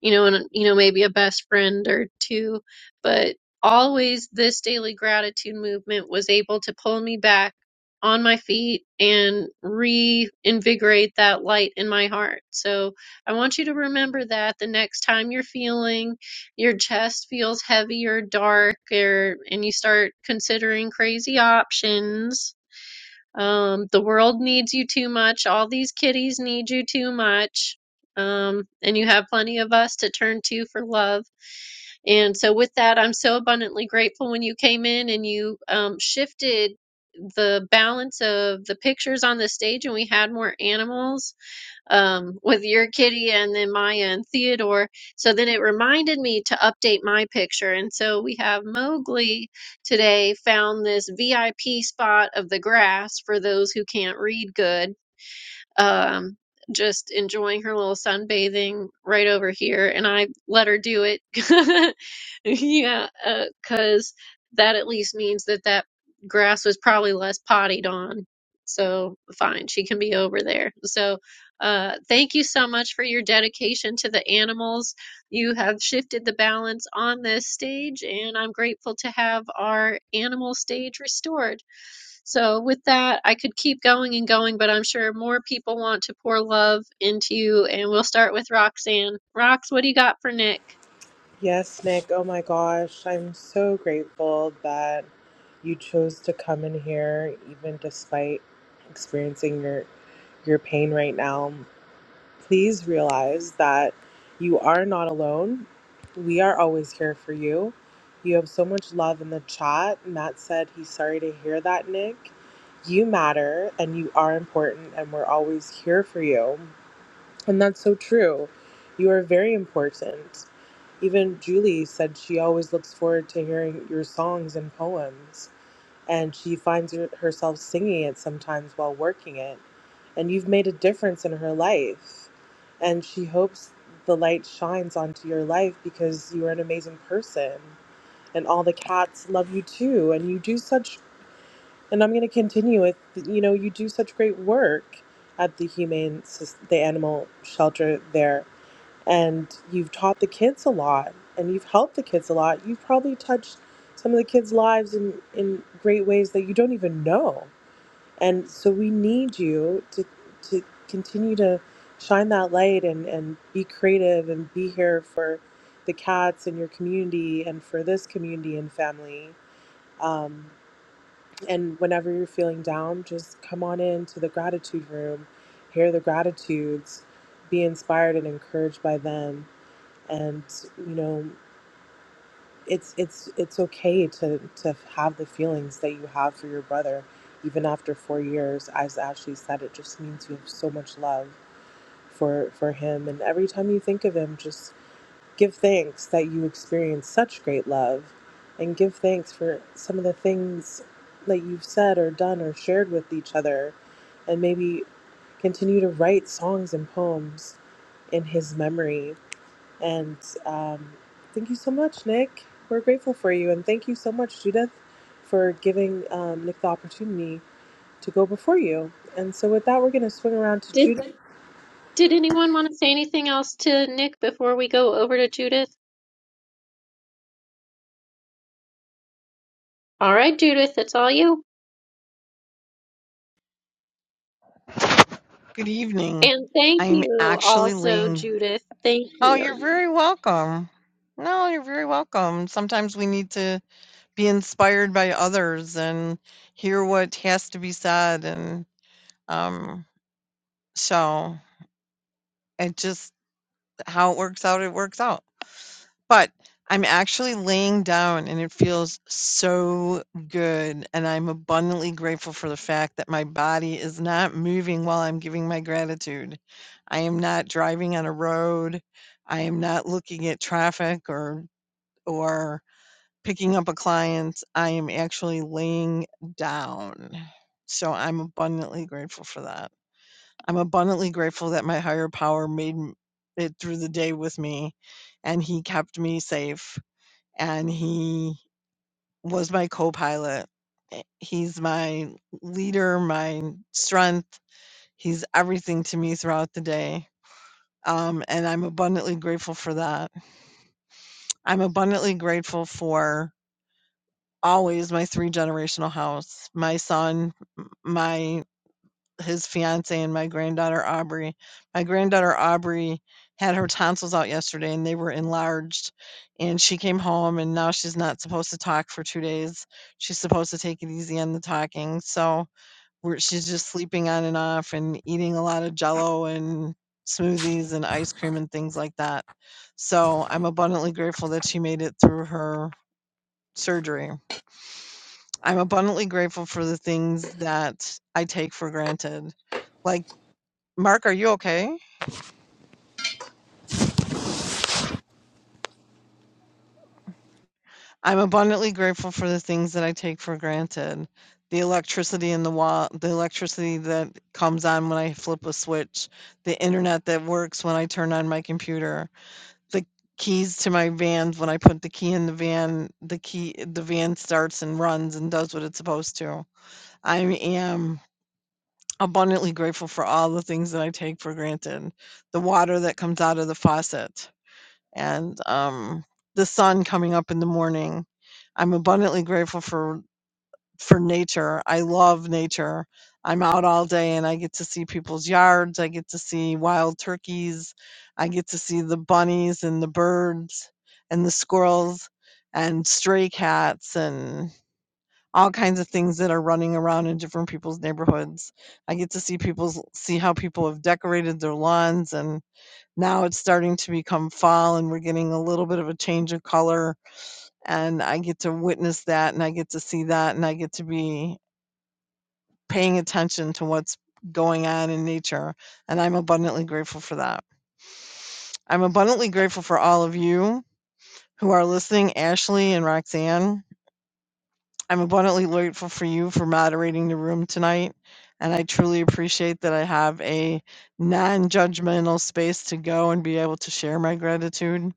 Speaker 1: you know, and you know, maybe a best friend or two, but always this daily gratitude movement was able to pull me back on my feet and reinvigorate that light in my heart. So I want you to remember that the next time you're feeling your chest feels heavy or dark or and you start considering crazy options um, the world needs you too much. All these kitties need you too much. Um, and you have plenty of us to turn to for love. And so, with that, I'm so abundantly grateful when you came in and you um, shifted the balance of the pictures on the stage, and we had more animals um, with your kitty and then Maya and Theodore. So then it reminded me to update my picture. And so we have Mowgli today found this VIP spot of the grass for those who can't read good. Um, just enjoying her little sunbathing right over here. And I let her do it. Yeah, because that at least means that that grass was probably less potted on. So fine, she can be over there. So uh, thank you so much for your dedication to the animals. You have shifted the balance on this stage, and I'm grateful to have our animal stage restored. So with that, I could keep going and going, but I'm sure more people want to pour love into you, and we'll start with Roxanne. Rox, what do you got for Nick?
Speaker 5: Yes, Nick. Oh my gosh. I'm so grateful that you chose to come in here, even despite experiencing your, your pain right now. Please realize that you are not alone. We are always here for you. You have so much love in the chat. Matt said he's sorry to hear that, Nick. You matter and you are important, and we're always here for you. And that's so true. You are very important. Even Julie said she always looks forward to hearing your songs and poems, and she finds her- herself singing it sometimes while working it. And you've made a difference in her life, and she hopes the light shines onto your life because you are an amazing person, and all the cats love you too. And you do such, and I'm going to continue with, you know, you do such great work at the humane, Soc- the animal shelter there and you've taught the kids a lot and you've helped the kids a lot you've probably touched some of the kids lives in in great ways that you don't even know and so we need you to to continue to shine that light and and be creative and be here for the cats in your community and for this community and family um, and whenever you're feeling down just come on in to the gratitude room hear the gratitudes be inspired and encouraged by them and you know it's it's it's okay to to have the feelings that you have for your brother even after four years as ashley said it just means you have so much love for for him and every time you think of him just give thanks that you experienced such great love and give thanks for some of the things that you've said or done or shared with each other and maybe continue to write songs and poems in his memory and um, thank you so much, Nick. We're grateful for you. And thank you so much, Judith, for giving um, Nick the opportunity to go before you. And so, with that, we're going to swing around to Judith.
Speaker 1: Did anyone want to say anything else to Nick before we go over to Judith? All right, Judith, it's all you.
Speaker 7: Good evening.
Speaker 1: And thank
Speaker 7: I'm
Speaker 1: you
Speaker 7: actually
Speaker 1: also,
Speaker 7: laying.
Speaker 1: Judith. Thank
Speaker 7: Oh,
Speaker 1: you.
Speaker 7: you're very welcome. No, you're very welcome. Sometimes we need to be inspired by others and hear what has to be said. And um, so it just, how it works out, it works out. But I'm actually laying down and it feels so good, and I'm abundantly grateful for the fact that my body is not moving while I'm giving my gratitude. I am not driving on a road. I am not looking at traffic or or picking up a client. I am actually laying down. So I'm abundantly grateful for that. I'm abundantly grateful that my higher power made m- it through the day with me and he kept me safe and he was my co-pilot. Eh, He's my leader, my strength. He's everything to me throughout the day. Um, and I'm abundantly grateful for that. I'm abundantly grateful for always my three generational house, my son, m- my his fiance and my granddaughter, Aubrey. My granddaughter, Aubrey, had her tonsils out yesterday and they were enlarged, and she came home and now she's not supposed to talk for 2 days. She's supposed to take it easy on the talking, so we're she's just sleeping on and off and eating a lot of jello and smoothies and ice cream and things like that. So, I'm abundantly grateful that she made it through her surgery. I'm abundantly grateful for the things that I take for granted, like Mark, are you okay? I'm abundantly grateful for the things that I take for granted. The electricity in the wall, the electricity that comes on when I flip a switch, the internet that works when I turn on my computer, the keys to my van when I put the key in the van, the key the van starts and runs and does what it's supposed to. I am abundantly grateful for all the things that I take for granted. The water that comes out of the faucet and um, the sun coming up in the morning. I'm abundantly grateful for for nature. I love nature. I'm out all day and I get to see people's yards. I get to see wild turkeys. I get to see the bunnies and the birds and the squirrels and stray cats and all kinds of things that are running around in different people's neighborhoods. I get to see people's see how people have decorated their lawns and now it's starting to become fall and we're getting a little bit of a change of color and i get to witness that and i get to see that and i get to be paying attention to what's going on in nature and i'm abundantly grateful for that i'm abundantly grateful for all of you who are listening ashley and roxanne i'm abundantly grateful for you for moderating the room tonight and i truly appreciate that i have a non-judgmental space to go and be able to share my gratitude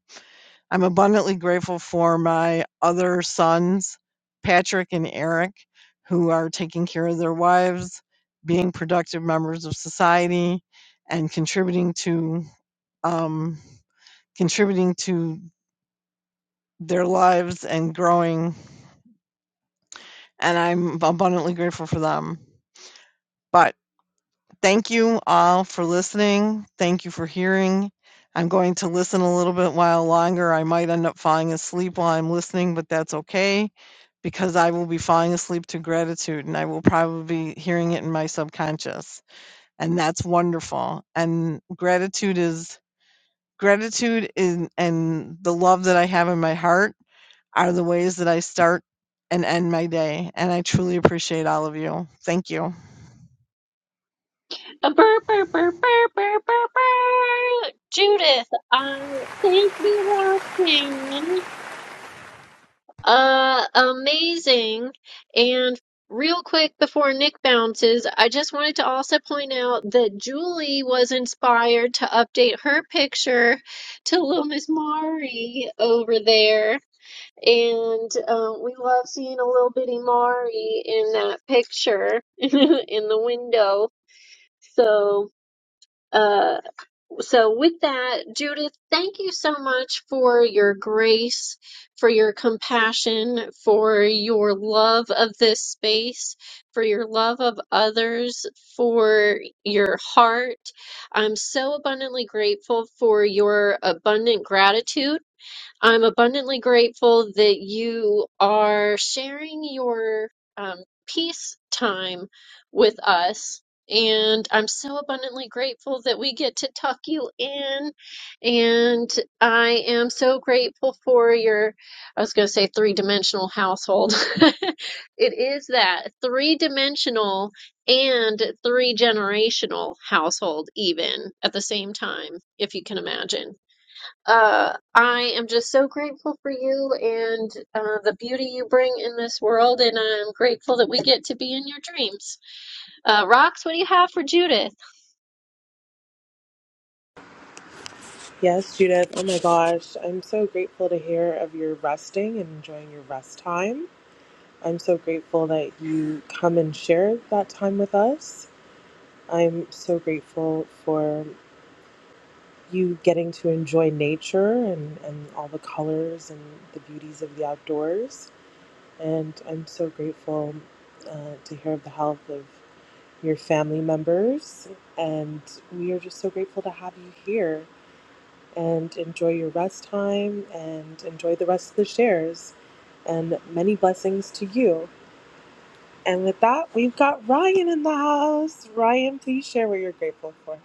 Speaker 7: I'm abundantly grateful for my other sons, Patrick and Eric, who are taking care of their wives, being productive members of society, and contributing to um, contributing to their lives and growing. And I'm abundantly grateful for them. But thank you all for listening. Thank you for hearing. I'm going to listen a little bit while longer. I might end up falling asleep while I'm listening, but that's okay because I will be falling asleep to gratitude and I will probably be hearing it in my subconscious. And that's wonderful. And gratitude is gratitude is, and the love that I have in my heart are the ways that I start and end my day. And I truly appreciate all of you. Thank you.
Speaker 1: A burr, burr, burr, burr, burr, burr, burr. Judith, I thank you, Roxanne. Uh, amazing. And real quick before Nick bounces, I just wanted to also point out that Julie was inspired to update her picture to little Miss Mari over there. And um, we love seeing a little bitty Mari in that picture in the window. So. uh, so, with that, Judith, thank you so much for your grace, for your compassion, for your love of this space, for your love of others, for your heart. I'm so abundantly grateful for your abundant gratitude. I'm abundantly grateful that you are sharing your um, peace time with us. And I'm so abundantly grateful that we get to tuck you in. And I am so grateful for your, I was going to say three dimensional household. It is that three dimensional and three generational household, even at the same time, if you can imagine. Uh, I am just so grateful for you and uh, the beauty you bring in this world, and I'm grateful that we get to be in your dreams. Uh, Rox, what do you have for Judith?
Speaker 5: Yes, Judith. Oh my gosh. I'm so grateful to hear of your resting and enjoying your rest time. I'm so grateful that you come and share that time with us. I'm so grateful for you getting to enjoy nature and, and all the colors and the beauties of the outdoors. and I'm so grateful uh, to hear of the health of your family members. And we are just so grateful to have you here and enjoy your rest time and enjoy the rest of the shares. And many blessings to you. And with that, we've got Ryan in the house. Ryan, please share what you're grateful for.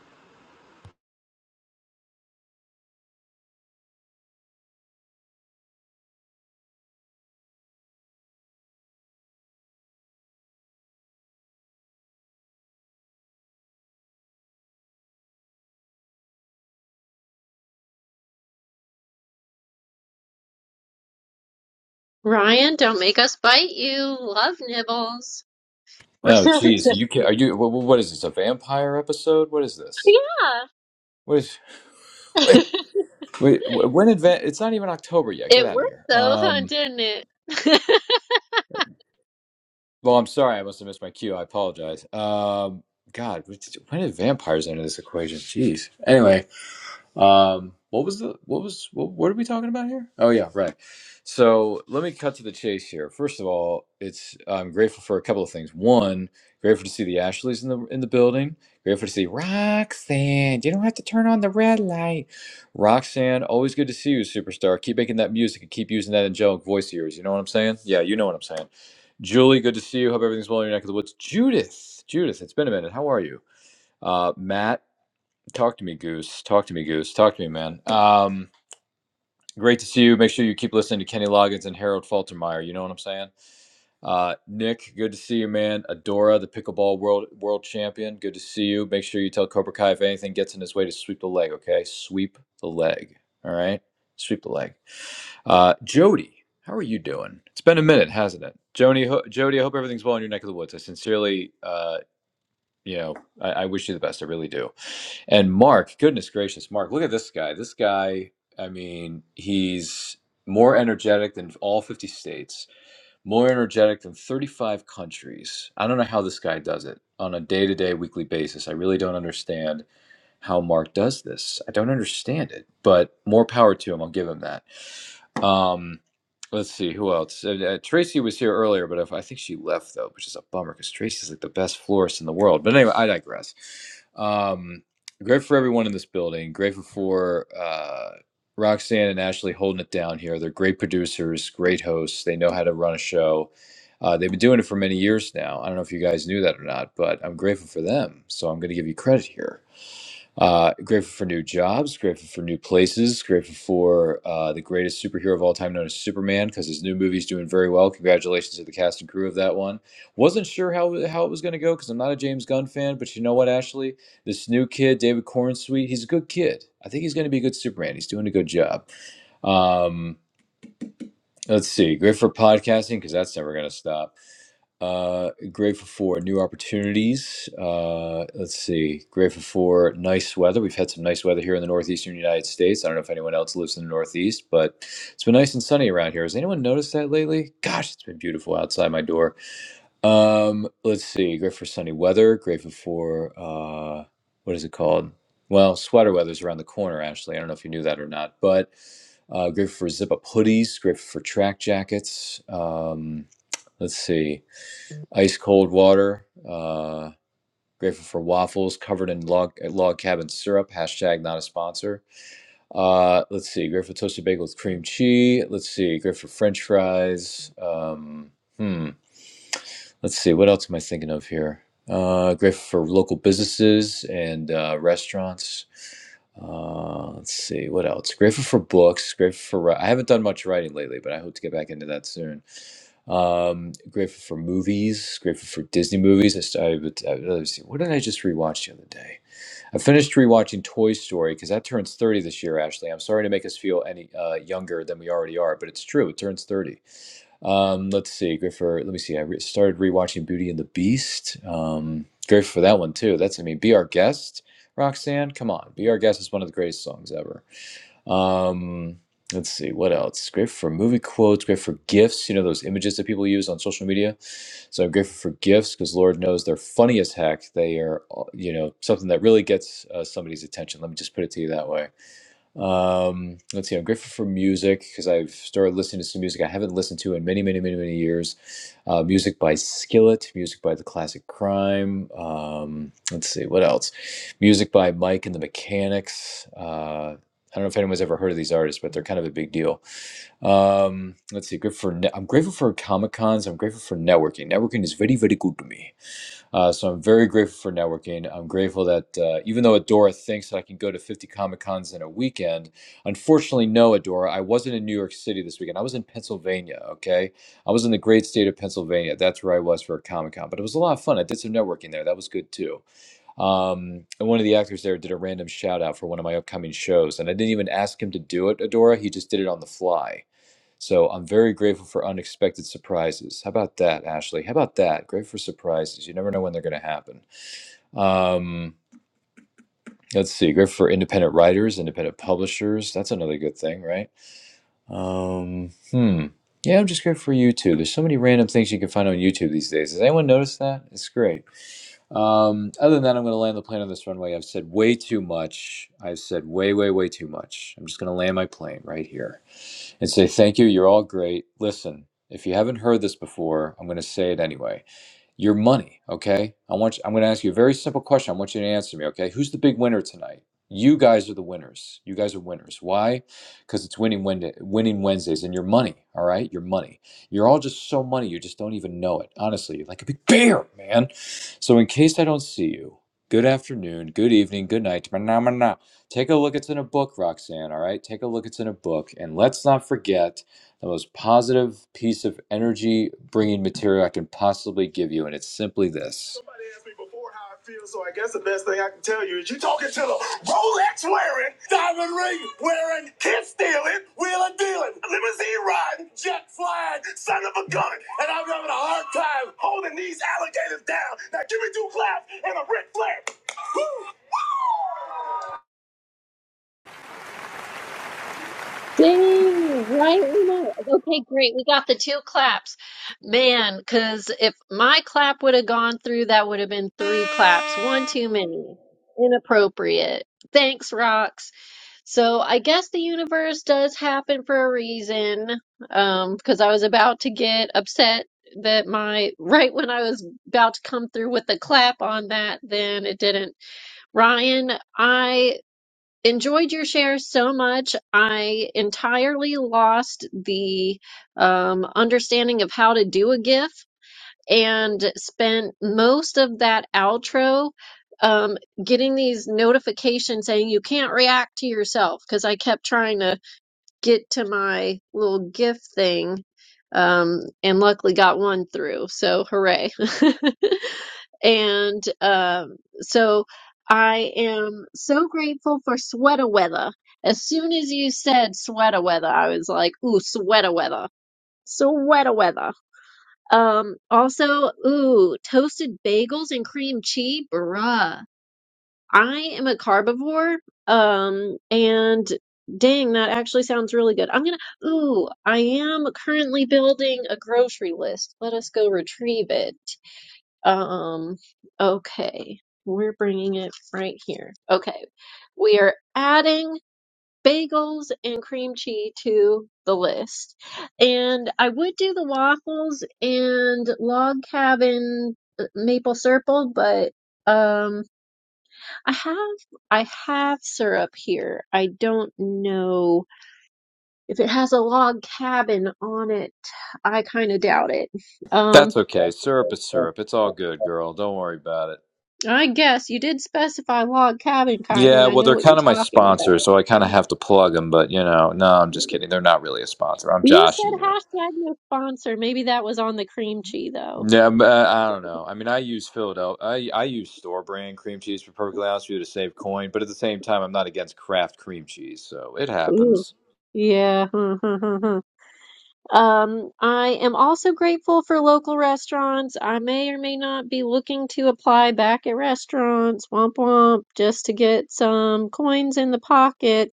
Speaker 1: Ryan, don't make us bite you. Love nibbles. We're
Speaker 9: Oh,
Speaker 1: so
Speaker 9: geez,
Speaker 1: excited.
Speaker 9: you can, are you? What, what is this? A vampire episode? What is this?
Speaker 1: Yeah.
Speaker 9: What is? Wait, wait, when advan It's not even October yet. Get
Speaker 1: it
Speaker 9: out of
Speaker 1: worked
Speaker 9: here.
Speaker 1: though, huh?
Speaker 9: Um.
Speaker 1: Didn't it?
Speaker 9: Well, I'm sorry. I must have missed my cue. I apologize. Um. God, when did vampires enter this equation? Jeez. Anyway, Um, what was the what was what, what are we talking about here? Oh yeah, right. So let me cut to the chase here. First of all, it's I'm grateful for a couple of things. One, grateful to see the Ashleys in the in the building. Grateful to see Roxanne. You don't have to turn on the red light. Roxanne, always good to see you, superstar. Keep making that music and keep using that angelic voice of yours. You know what I'm saying? Yeah, you know what I'm saying. Julie, good to see you. Hope everything's well in your neck of the woods. Judith, Judith, it's been a minute. How are you? Uh, Matt. Talk to me, Goose. Talk to me, Goose. Talk to me, man. Um, great to see you. Make sure you keep listening to Kenny Loggins and Harold Faltermeyer. You know what I'm saying? Uh, Nick, good to see you, man. Adora, the pickleball world world champion. Good to see you. Make sure you tell Cobra Kai if anything gets in his way to sweep the leg. Okay, sweep the leg. All right, sweep the leg. Uh, Jody, how are you doing? It's been a minute, hasn't it? Jody, ho- Jody, I hope everything's well in your neck of the woods. I sincerely, uh, you know, I, I wish you the best. I really do. And Mark, goodness gracious, Mark, look at this guy. This guy, I mean, he's more energetic than all 50 states, more energetic than 35 countries. I don't know how this guy does it on a day to day, weekly basis. I really don't understand how Mark does this. I don't understand it, but more power to him. I'll give him that. Um, let's see who else. Uh, uh, Tracy was here earlier, but if, I think she left though, which is a bummer because Tracy's like the best florist in the world. But anyway, I digress. Um, grateful for everyone in this building. Grateful for uh, Roxanne and Ashley holding it down here. They're great producers, great hosts. They know how to run a show. Uh, they've been doing it for many years now. I don't know if you guys knew that or not, but I'm grateful for them. So I'm going to give you credit here. Uh, grateful for new jobs, grateful for new places, grateful for uh, the greatest superhero of all time, known as Superman, because his new movie's doing very well. Congratulations to the cast and crew of that one. Wasn't sure how how it was going to go because I'm not a James Gunn fan, but you know what, Ashley, this new kid, David Cornsweet, he's a good kid. I think he's going to be a good Superman. He's doing a good job. Um, Let's see. Great for podcasting because that's never going to stop. Uh, grateful for new opportunities. Uh, let's see. Grateful for nice weather. We've had some nice weather here in the northeastern United States. I don't know if anyone else lives in the northeast, but it's been nice and sunny around here. Has anyone noticed that lately? Gosh, it's been beautiful outside my door. Um, let's see. Great for sunny weather. Grateful for uh, what is it called? Well, sweater weather's around the corner. Ashley, I don't know if you knew that or not, but uh, grateful for zip-up hoodies. Grateful for track jackets. Um, let's see. Ice cold water. Uh, grateful for waffles covered in log log cabin syrup. Hashtag not a sponsor. Uh, let's see. Grateful for toasted bagel with cream cheese. Let's see. Grateful for French fries. Um, hmm. Let's see, what else am I thinking of here? Uh, grateful for local businesses and uh, restaurants. Uh, let's see, what else? Grateful for books. Grateful for ri- I haven't done much writing lately, but I hope to get back into that soon. Um, grateful for movies. Grateful for Disney movies. I, st- I, would- I let me see, what did I just rewatch the other day? I finished rewatching Toy Story because that turns 30 this year, Ashley. I'm sorry to make us feel any uh, younger than we already are, but it's true. It turns 30. Um, let's see, Griffer. Let me see. I re- started rewatching Beauty and the Beast. Um, grateful for that one too. That's I mean, be our guest, Roxanne. Come on, be our guest is one of the greatest songs ever. Um, let's see what else. Grateful for movie quotes. Grateful for gifs. You know those images that people use on social media. So I'm grateful for gifs because Lord knows they're funny as heck. They are, uh, you know, something that really gets uh, somebody's attention. Let me just put it to you that way. Um, let's see. I'm grateful for music because I've started listening to some music I haven't listened to in many, many, many, many years. Uh, music by Skillet, music by The Classic Crime. Um, let's see what else. Music by Mike and the Mechanics. Uh, I don't know if anyone's ever heard of these artists, but they're kind of a big deal. Um, let's see. Good for. Ne- I'm grateful for comic cons. I'm grateful for networking. Networking is very, very good to me. Uh, so I'm very grateful for networking. I'm grateful that uh, even though Adora thinks that I can go to 50 Comic Cons in a weekend, unfortunately, no, Adora, I wasn't in New York City this weekend. I was in Pennsylvania, okay? I was in the great state of Pennsylvania. That's where I was for a Comic Con, but it was a lot of fun. I did some networking there. That was good too. Um, and one of the actors there did a random shout out for one of my upcoming shows, and I didn't even ask him to do it, Adora. He just did it on the fly. So I'm very grateful for unexpected surprises. How about that, Ashley? How about that? Grateful for surprises. You never know when they're going to happen. Um, let's see. Grateful for independent writers, independent publishers. That's another good thing, right? Um, hmm. Yeah, I'm just grateful for YouTube. There's so many random things you can find on YouTube these days. Has anyone noticed that? It's great. Um, other than that, I'm going to land the plane on this runway. I've said way too much. I've said way, way, way too much. I'm just going to land my plane right here and say, thank you. You're all great. Listen, if you haven't heard this before, I'm going to say it anyway your money. Okay, I want you, I'm going to ask you a very simple question. I want you to answer me. Okay, who's the big winner tonight? You guys are the winners. You guys are winners. Why? Because it's winning Wednesday, winning Wednesdays, and your money. All right, your money. You're all just so money. You just don't even know it. Honestly, you're like a big bear, man. So in case I don't see you, good afternoon, good evening, good night. Take a look. It's in a book, Roxanne. All right, take a look. It's in a book, and let's not forget the most positive piece of energy bringing material I can possibly give you, and it's simply this. Somebody asked me before how I feel, so I guess the best thing I can tell you is you are talking to the Rolex wearing, diamond ring wearing, kid stealing, wheeler dealing, limousine riding, jet flying, son of a gun, and I'm having a hard time holding these alligators down. Now give me two claps and a Ric Flair. Woo!
Speaker 1: Dang, right when I, okay, great. We got the two claps. Man, because if my clap would have gone through, that would have been three claps. One too many. Inappropriate. Thanks, Rox. So I guess the universe does happen for a reason. Um, because I was about to get upset that my, right when I was about to come through with the clap on that, then it didn't. Ryan, I enjoyed your share so much. I entirely lost the um, understanding of how to do a GIF and spent most of that outro um, getting these notifications saying you can't react to yourself because I kept trying to get to my little gift thing um, and luckily got one through. So hooray. and um, so I am so grateful for sweater weather. As soon as you said sweater weather, I was like, ooh, sweater weather. Sweater weather. Um, also, ooh, toasted bagels and cream cheese, bruh I am a carbivore. Um, and dang, that actually sounds really good. I'm gonna, ooh, I am currently building a grocery list. Let us go retrieve it. Um, okay. We're bringing it right here. Okay. We are adding bagels and cream cheese to the list. And I would do the waffles and log cabin uh, maple syrup, but, um, I have I have syrup here. I don't know if it has a log cabin on it. I kind of doubt it. Um,
Speaker 9: That's okay. Syrup is syrup. It's all good, girl. Don't worry about it.
Speaker 1: I guess you did specify log cabin kind,
Speaker 9: Yeah,
Speaker 1: and I
Speaker 9: well,
Speaker 1: know
Speaker 9: they're
Speaker 1: what you're
Speaker 9: kind of my
Speaker 1: talking
Speaker 9: sponsor,
Speaker 1: about.
Speaker 9: so I kind of have to plug them. But you know, no, I'm just kidding. They're not really a sponsor. I'm
Speaker 1: You
Speaker 9: joshing
Speaker 1: said
Speaker 9: you.
Speaker 1: hashtag no sponsor. Maybe that was on the cream cheese though.
Speaker 9: Yeah, but I I don't know. I mean, I use Philadelphia. I I use store brand cream cheese for perfectly honest with you to save coin, but at the same time, I'm not against craft cream cheese, so it
Speaker 1: Ooh.
Speaker 9: happens.
Speaker 1: Yeah. Um, I am also grateful for local restaurants. I may or may not be looking to apply back at restaurants, womp womp, just to get some coins in the pocket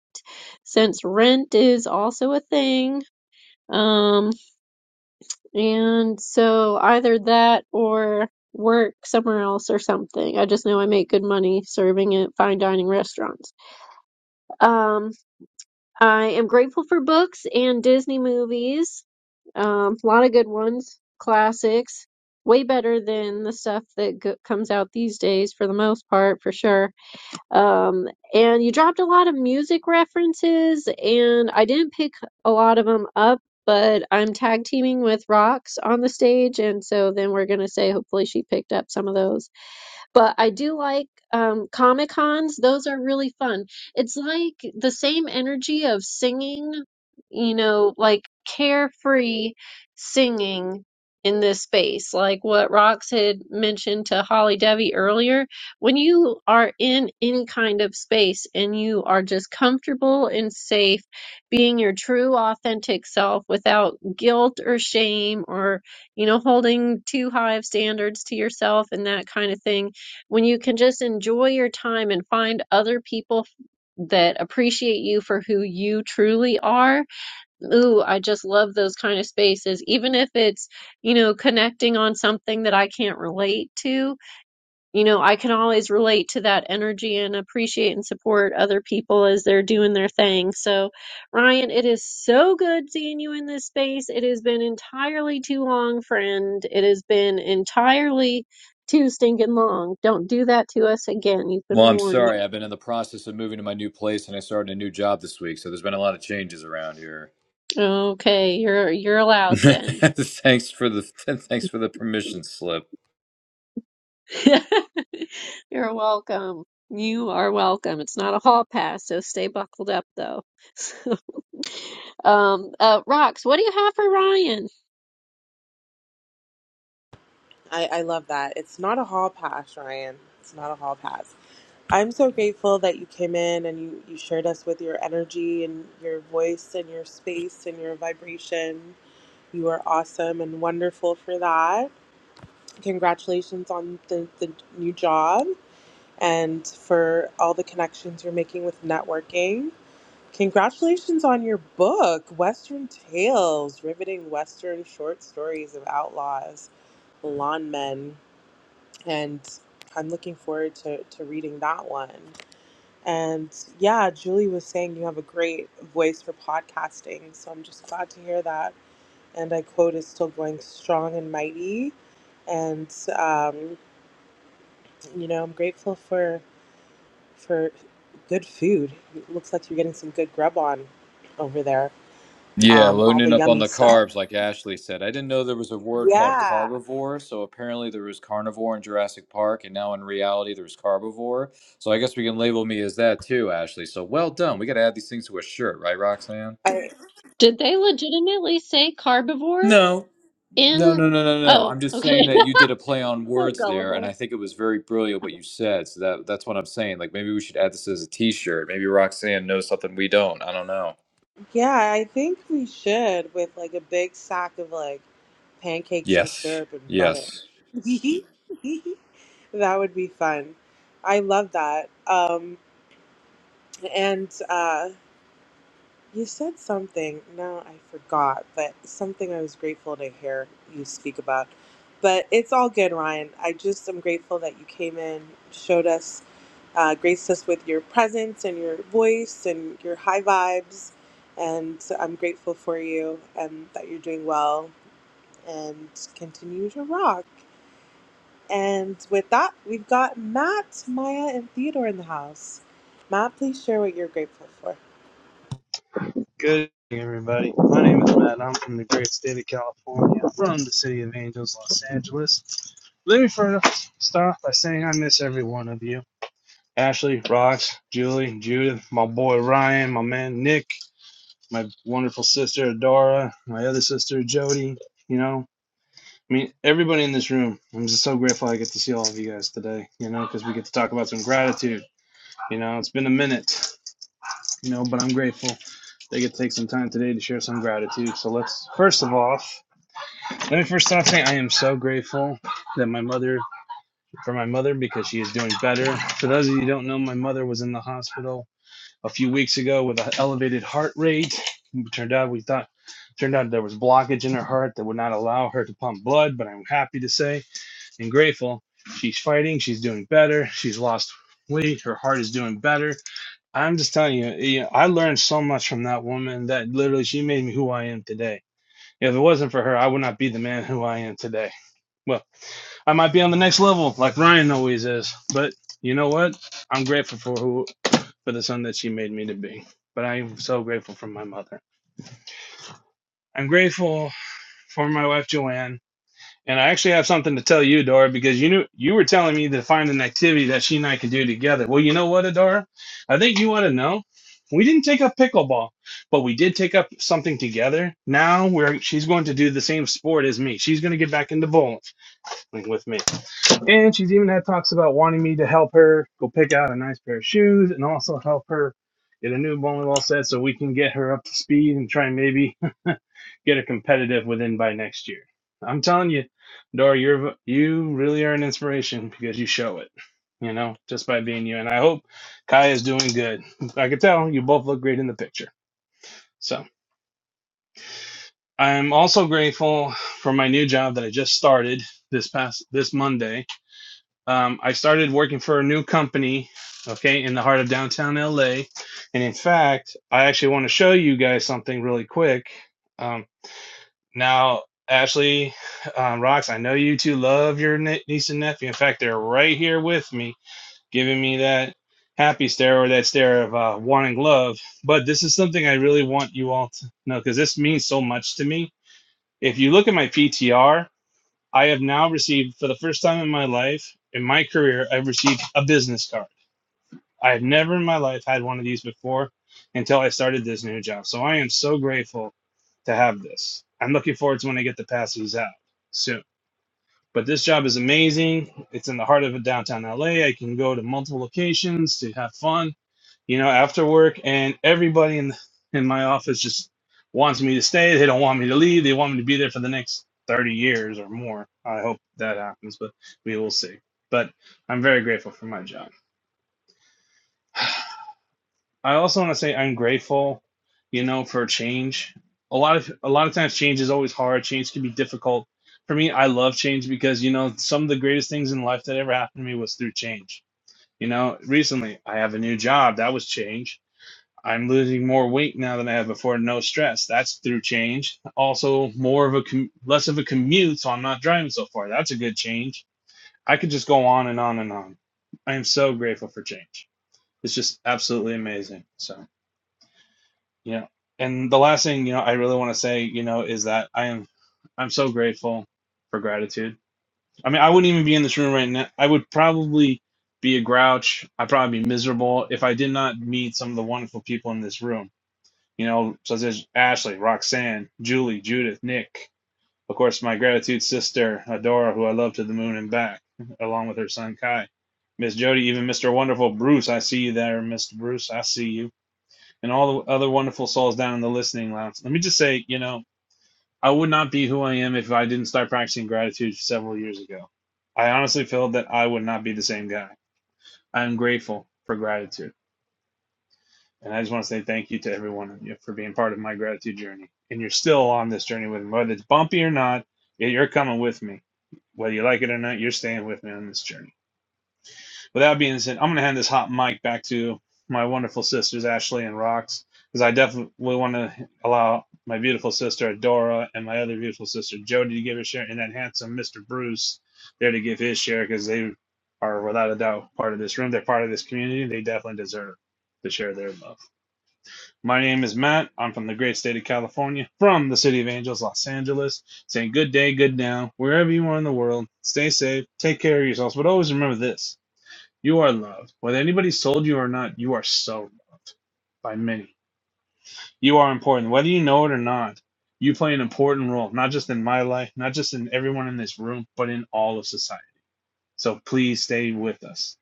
Speaker 1: since rent is also a thing. Um, and so either that or work somewhere else or something. I just know I make good money serving at fine dining restaurants. Um, I am grateful for books and Disney movies. Um, a lot of good ones, classics, way better than the stuff that go- comes out these days for the most part, for sure. Um, and you dropped a lot of music references, and I didn't pick a lot of them up, but I'm tag teaming with Rocks on the stage, and so then we're gonna say hopefully she picked up some of those. But I do like um, Comic Cons. Those are really fun. It's like the same energy of singing, you know, like carefree singing in this space, like what Rox had mentioned to Holly Devi earlier. When you are in any kind of space and you are just comfortable and safe being your true authentic self without guilt or shame or you know, holding too high of standards to yourself and that kind of thing when you can just enjoy your time and find other people that appreciate you for who you truly are. Ooh, I just love those kind of spaces, even if it's, you know, connecting on something that I can't relate to you know, I can always relate to that energy and appreciate and support other people as they're doing their thing. So, Ryan, it is so good seeing you in this space. It has been entirely too long, friend. It has been entirely too stinking long. Don't do that to us again. You've been
Speaker 9: Well, I'm
Speaker 1: warned.
Speaker 9: sorry. I've been in the process of moving to my new place, and I started a new job this week, so there's been a lot of changes around here.
Speaker 1: Okay, you're you're allowed then.
Speaker 9: thanks for the thanks for the permission slip.
Speaker 1: You're welcome. You are welcome. It's not a hall pass, so stay buckled up though. So, um, uh, Rox, what do you have for Ryan?
Speaker 5: I, I love that. It's not a hall pass, Ryan. It's not a hall pass. I'm so grateful that you came in and you, you shared us with your energy and your voice and your space and your vibration. You are awesome and wonderful for that. Congratulations on the, the new job and for all the connections you're making with networking. Congratulations on your book, Western Tales Riveting Western Short Stories of Outlaws, Lawn Men. And I'm looking forward to, to reading that one. And yeah, Julie was saying you have a great voice for podcasting. So I'm just glad to hear that. And I quote is still going strong and mighty. And um, you know, I'm grateful for for good food. It looks like you're getting some good grub on over there.
Speaker 9: Yeah,
Speaker 5: Um, all the
Speaker 9: loading up on
Speaker 5: yummy
Speaker 9: the
Speaker 5: stuff.
Speaker 9: carbs, like Ashley said. I didn't know there was a word called
Speaker 5: Yeah.
Speaker 9: carbivore. So apparently there was carnivore in Jurassic Park, and now in reality there's carbivore. So I guess we can label me as that too, Ashley. So well done. We got to add these things to a shirt, right, Roxanne?
Speaker 5: I,
Speaker 1: Did they legitimately say carbivore
Speaker 9: No. No,
Speaker 1: in?
Speaker 9: no, no, no, no. I'm
Speaker 1: Oh,
Speaker 9: just
Speaker 1: okay.
Speaker 9: saying that you did a play on
Speaker 1: so
Speaker 9: words there, and I
Speaker 1: gullible.
Speaker 9: think it was very brilliant what you said. So that that's what I'm saying. Like maybe we should add this as a T-shirt. Maybe Roxanne knows something we don't. I don't know.
Speaker 5: yeah, I think we should with like a big sack of like pancakes and
Speaker 9: Yes.
Speaker 5: syrup and butter.
Speaker 9: Yes.
Speaker 5: That would be fun. I love that. Um, and uh, you said something. No, I forgot, but something I was grateful to hear you speak about. But it's all good, Ryan. I just am grateful that you came in, showed us, uh, graced us with your presence and your voice and your high vibes. And I'm grateful for you and that you're doing well and continue to rock. And with that, we've got Matt, Maya, and Theodore in the house. Matt, please share what you're grateful for.
Speaker 10: Good evening, everybody. My name is Matt. and I'm from the great state of California, from the city of Angels, Los Angeles. Let me first start off by saying I miss every one of you. Ashley, Rox, Julie, Judith, my boy Ryan, my man Nick, my wonderful sister Adora, my other sister Jody. You know, I mean, everybody in this room. I'm just so grateful I get to see all of you guys today. You know, because we get to talk about some gratitude. You know, it's been a minute. You know, but I'm grateful they could take some time today to share some gratitude. So let's first of all, let me first start saying I am so grateful that my mother for my mother because she is doing better. For those of you who don't know, my mother was in the hospital a few weeks ago with an elevated heart rate. It turned out we thought turned out there was blockage in her heart that would not allow her to pump blood, but I'm happy to say and grateful she's fighting, she's doing better, she's lost weight, her heart is doing better I'm just telling you, you know, I learned so much from that woman that literally she made me who I am today. If it wasn't for her, I would not be the man who I am today. Well, I might be on the next level like Ryan always is, but you know what? I'm grateful for who for the son that she made me to be. But I am so grateful for my mother. I'm grateful for my wife Joanne And I actually have something to tell you, Adora, because you knew you were telling me to find an activity that she and I could do together. Well, you know what, Adora? I think you want to know. We didn't take up pickleball, but we did take up something together. Now we're she's going to do the same sport as me. She's going to get back into bowling with me. And she's even had talks about wanting me to help her go pick out a nice pair of shoes and also help her get a new bowling ball set so we can get her up to speed and try and maybe get her competitive within by next year. I'm telling you, Dora, you're you really are an inspiration because you show it, you know, just by being you. And I hope Kai is doing good. I could tell you both look great in the picture. So I'm also grateful for my new job that I just started this past this Monday um, I started working for a new company, okay, in the heart of downtown LA. And in fact, I actually want to show you guys something really quick. Um, now, Ashley, um, Rocks, I know you two love your niece and nephew. In fact, they're right here with me, giving me that happy stare or that stare of uh, wanting love. But this is something I really want you all to know because this means so much to me. If you look at my PTR, I have now received, for the first time in my life, in my career, I've received a business card. I have never in my life had one of these before until I started this new job. So I am so grateful to have this. I'm looking forward to when I get to pass these out soon. But this job is amazing. It's in the heart of downtown LA. I can go to multiple locations to have fun you know, after work, and everybody in in my office just wants me to stay. They don't want me to leave. They want me to be there for the next thirty years or more. I hope that happens, but we will see. But I'm very grateful for my job. I also want to say I'm grateful, you know, for change. A lot of a lot of times change is always hard. Change can be difficult. For me, I love change because you know some of the greatest things in life that ever happened to me was through change. You know, recently I have a new job. That was change I'm losing more weight now than I have before. No stress. That's through change. Also, more of a com- less of a commute, so I'm not driving so far. That's a good change. I could just go on and on and on. I am so grateful for change. It's just absolutely amazing. So yeah. And the last thing you know, I really want to say you know is that I am, I'm so grateful for gratitude. I mean, I wouldn't even be in this room right now. I would probably be a grouch. I'd probably be miserable if I did not meet some of the wonderful people in this room you know, so there's Ashley, Roxanne, Julie, Judith, Nick, of course, my gratitude sister, Adora, who I love to the moon and back, along with her son Kai, Miss Jody, even Mr. Wonderful Bruce. I see you there, Mr. Bruce. I see you. And all the other wonderful souls down in the listening lounge. Let me just say, you know, I would not be who I am if I didn't start practicing gratitude several years ago. I honestly feel that I would not be the same guy. I am grateful for gratitude. And I just want to say thank you to every one of you for being part of my gratitude journey. And you're still on this journey with me, whether it's bumpy or not, yeah, you're coming with me. Whether you like it or not, you're staying with me on this journey. With that being said, I'm going to hand this hot mic back to my wonderful sisters, Ashley and Rox, because I definitely want to allow my beautiful sister, Adora, and my other beautiful sister, Jody, to give her share, and that handsome Mr. Bruce there to give his share, because they are without a doubt part of this room. They're part of this community. They definitely deserve to share their love. My name is Matt. I'm from the great state of California, from the city of Angels, Los Angeles. Saying good day, good now, wherever you are in the world. Stay safe, take care of yourselves, but always remember this you are loved. Whether anybody sold you or not, you are so loved by many. You are important, whether you know it or not. You play an important role, not just in my life, not just in everyone in this room, but in all of society. So please stay with us.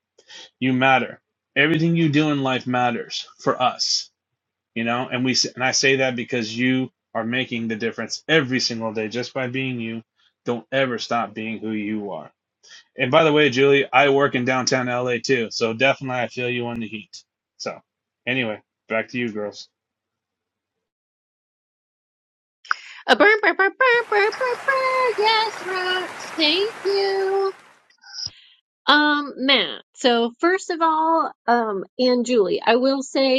Speaker 10: You matter. Everything you do in life matters for us you know and we and i say that because you are making the difference every single day just by being you don't ever stop being who you are and by the way julie i work in downtown la too so definitely i feel you on the heat so anyway back to you girls
Speaker 1: A burr, burr, burr, burr, burr, burr, burr. Yes, Rox. Thank you. Um, Matt. So first of all, um, and Julie, I will say.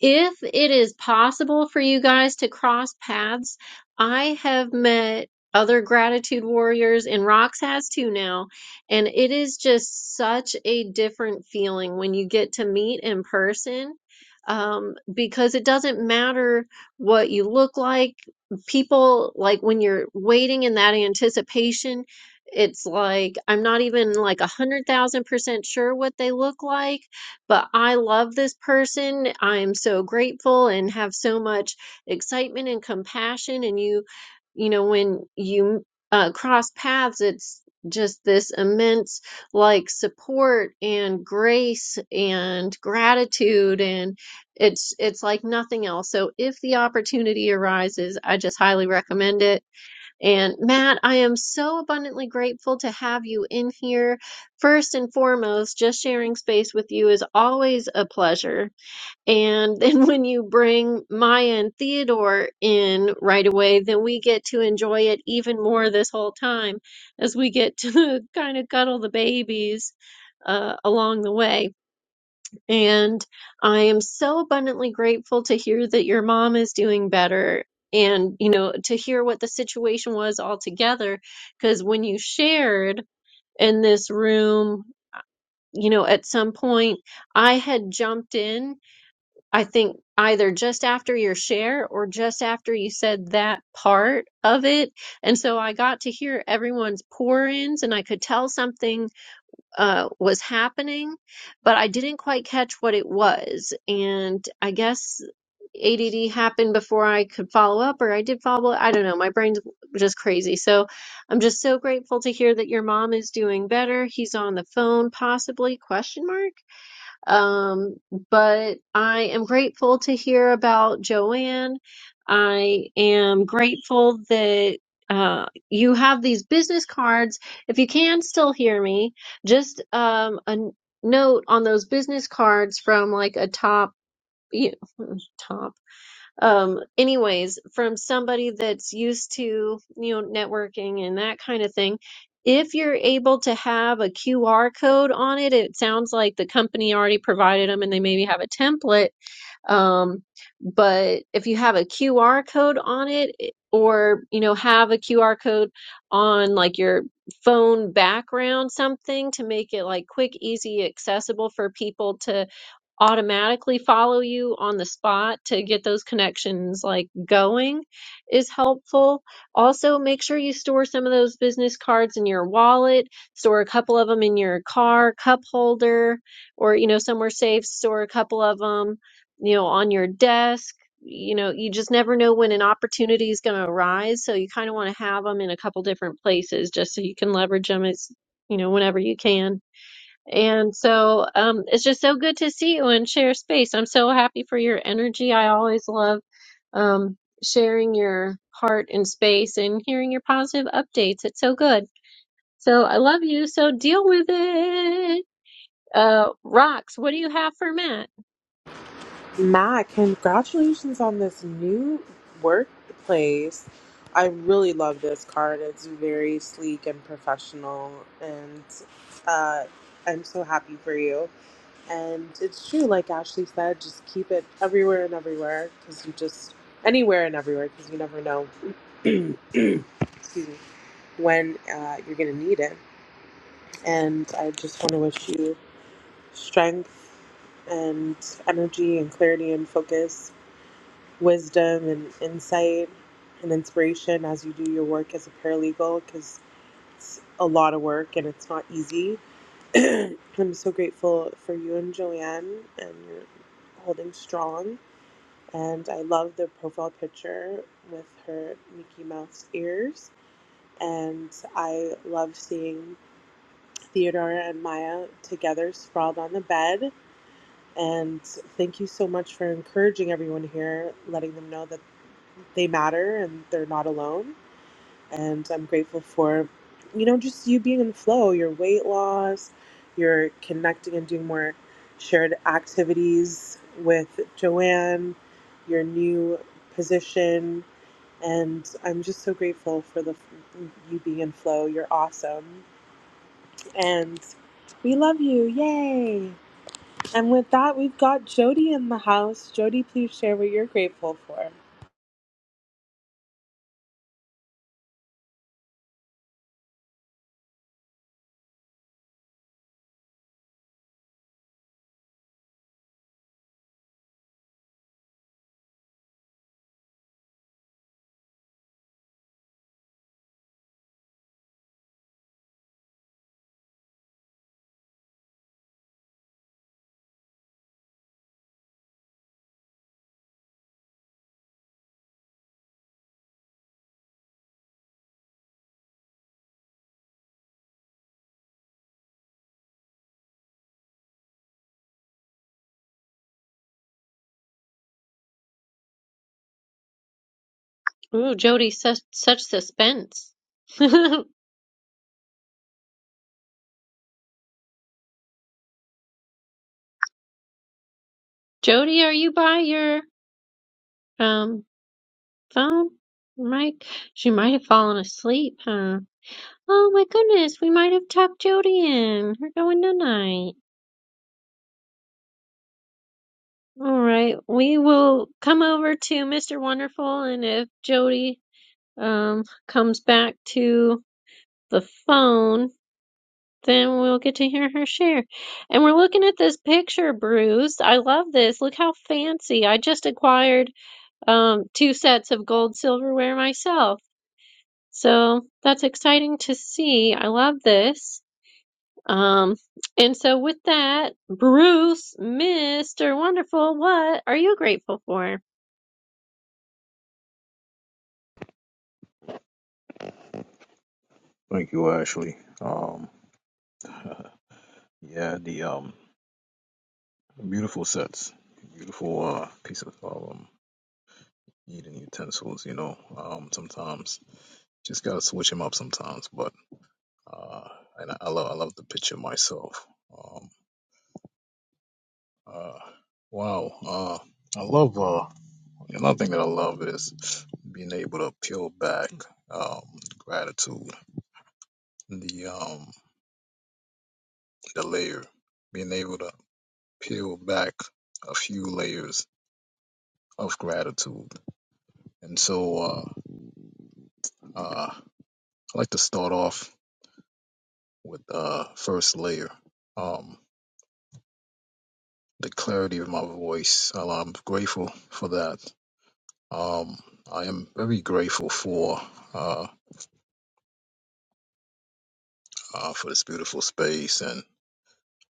Speaker 1: if it is possible for you guys to cross paths, I have met other gratitude warriors and Rox has too now. And it is just such a different feeling when you get to meet in person. Um, because it doesn't matter what you look like. People like when you're waiting in that anticipation, it's like I'm not even like a hundred thousand percent sure what they look like but I love this person. I am so grateful and have so much excitement and compassion. And you, you know, when you uh, cross paths, it's just this immense like support and grace and gratitude and it's it's like nothing else so if the opportunity arises i just highly recommend it and Matt, I am so abundantly grateful to have you in here. First and foremost, just sharing space with you is always a pleasure. And then when you bring Maya and Theodore in right away, then we get to enjoy it even more this whole time as we get to kind of cuddle the babies uh, along the way and I am so abundantly grateful to hear that your mom is doing better and, you know, to hear what the situation was altogether. Because when you shared in this room, you know, at some point, I had jumped in, I think either just after your share or just after you said that part of it. And so I got to hear everyone's pour ins and I could tell something uh, was happening, but I didn't quite catch what it was. And I guess ADD happened before I could follow up, or I did follow up. I don't know. My brain's just crazy. So I'm just so grateful to hear that your mom is doing better. He's on the phone, possibly? Question mark. Um, but I am grateful to hear about Joanne. I am grateful that uh, you have these business cards. If you can still hear me, just um, a n- note on those business cards from like a top, you, top um anyways from somebody that's used to you know networking and that kind of thing if you're able to have a QR code on it it sounds like the company already provided them and they maybe have a template um, but if you have a QR code on it, eh, or you know, have a QR code on like your phone background, something to make it like quick, easy, accessible for people to automatically follow you on the spot to get those connections like going is helpful. Also, make sure you store some of those business cards in your wallet, store a couple of them in your car cup holder or you know somewhere safe, store a couple of them you know, on your desk. You know, you just never know when an opportunity is going to arise. So you kind of want to have them in a couple different places just so you can leverage them as, you know, whenever you can. And so um, it's just so good to see you and share space. I'm so happy for your energy. I always love um, sharing your heart and space and hearing your positive updates. It's so good. So I love you. So deal with it. Uh, Rocks, what do you have for Matt?
Speaker 5: Matt, congratulations on this new workplace. I really love this card. It's very sleek and professional, and uh, I'm so happy for you. And it's true, like Ashley said, just keep it everywhere and everywhere because you just anywhere and everywhere because you never know. Excuse me when uh, you're going to need it. And I just want to wish you strength and energy and clarity and focus, wisdom and insight and inspiration as you do your work as a paralegal because it's a lot of work and it's not easy. I'm so grateful for you and Joanne and you're holding strong. And I love the profile picture with her Mickey Mouse ears. And I love seeing Theodora and Maya together, sprawled on the bed. And thank you so much for encouraging everyone here, letting them know that they matter and they're not alone. And I'm grateful for, you know, just you being in flow, your weight loss, your connecting and doing more shared activities with Joanne, your new position. And I'm just so grateful for the you being in flow. You're awesome and we love you. Yay. And with that, we've got Jody in the house. Jody, please share what you're grateful for.
Speaker 1: Ooh, Jody, such such suspense. Jody, are you by your um phone? Mike, she might have fallen asleep, huh? Oh my goodness, we might have tucked Jody in. We're going tonight. All right, we will come over to Mr. Wonderful, and if Jody um comes back to the phone, then we'll get to hear her share. And we're looking at this picture, Bruce. I love this. Look how fancy. I just acquired um, two sets of gold silverware myself. So that's exciting to see. I love this. Um, and so with that, Bruce, Mr. Wonderful, what are you grateful for?
Speaker 11: Thank you, Ashley. Um, yeah, the um, beautiful sets, beautiful uh, piece of um, eating utensils. You know, um, sometimes just gotta switch them up sometimes. But uh, and I, I love, I love the picture myself. Um, uh, wow, uh, I love. Uh, another thing that I love is being able to peel back um, gratitude, the um, the layer, being able to peel back a few layers of gratitude. And so uh, uh, I like to start off with uh, first layer, um, the clarity of my voice. Uh, I'm grateful for that. Um, I am very grateful for uh, uh, for this beautiful space and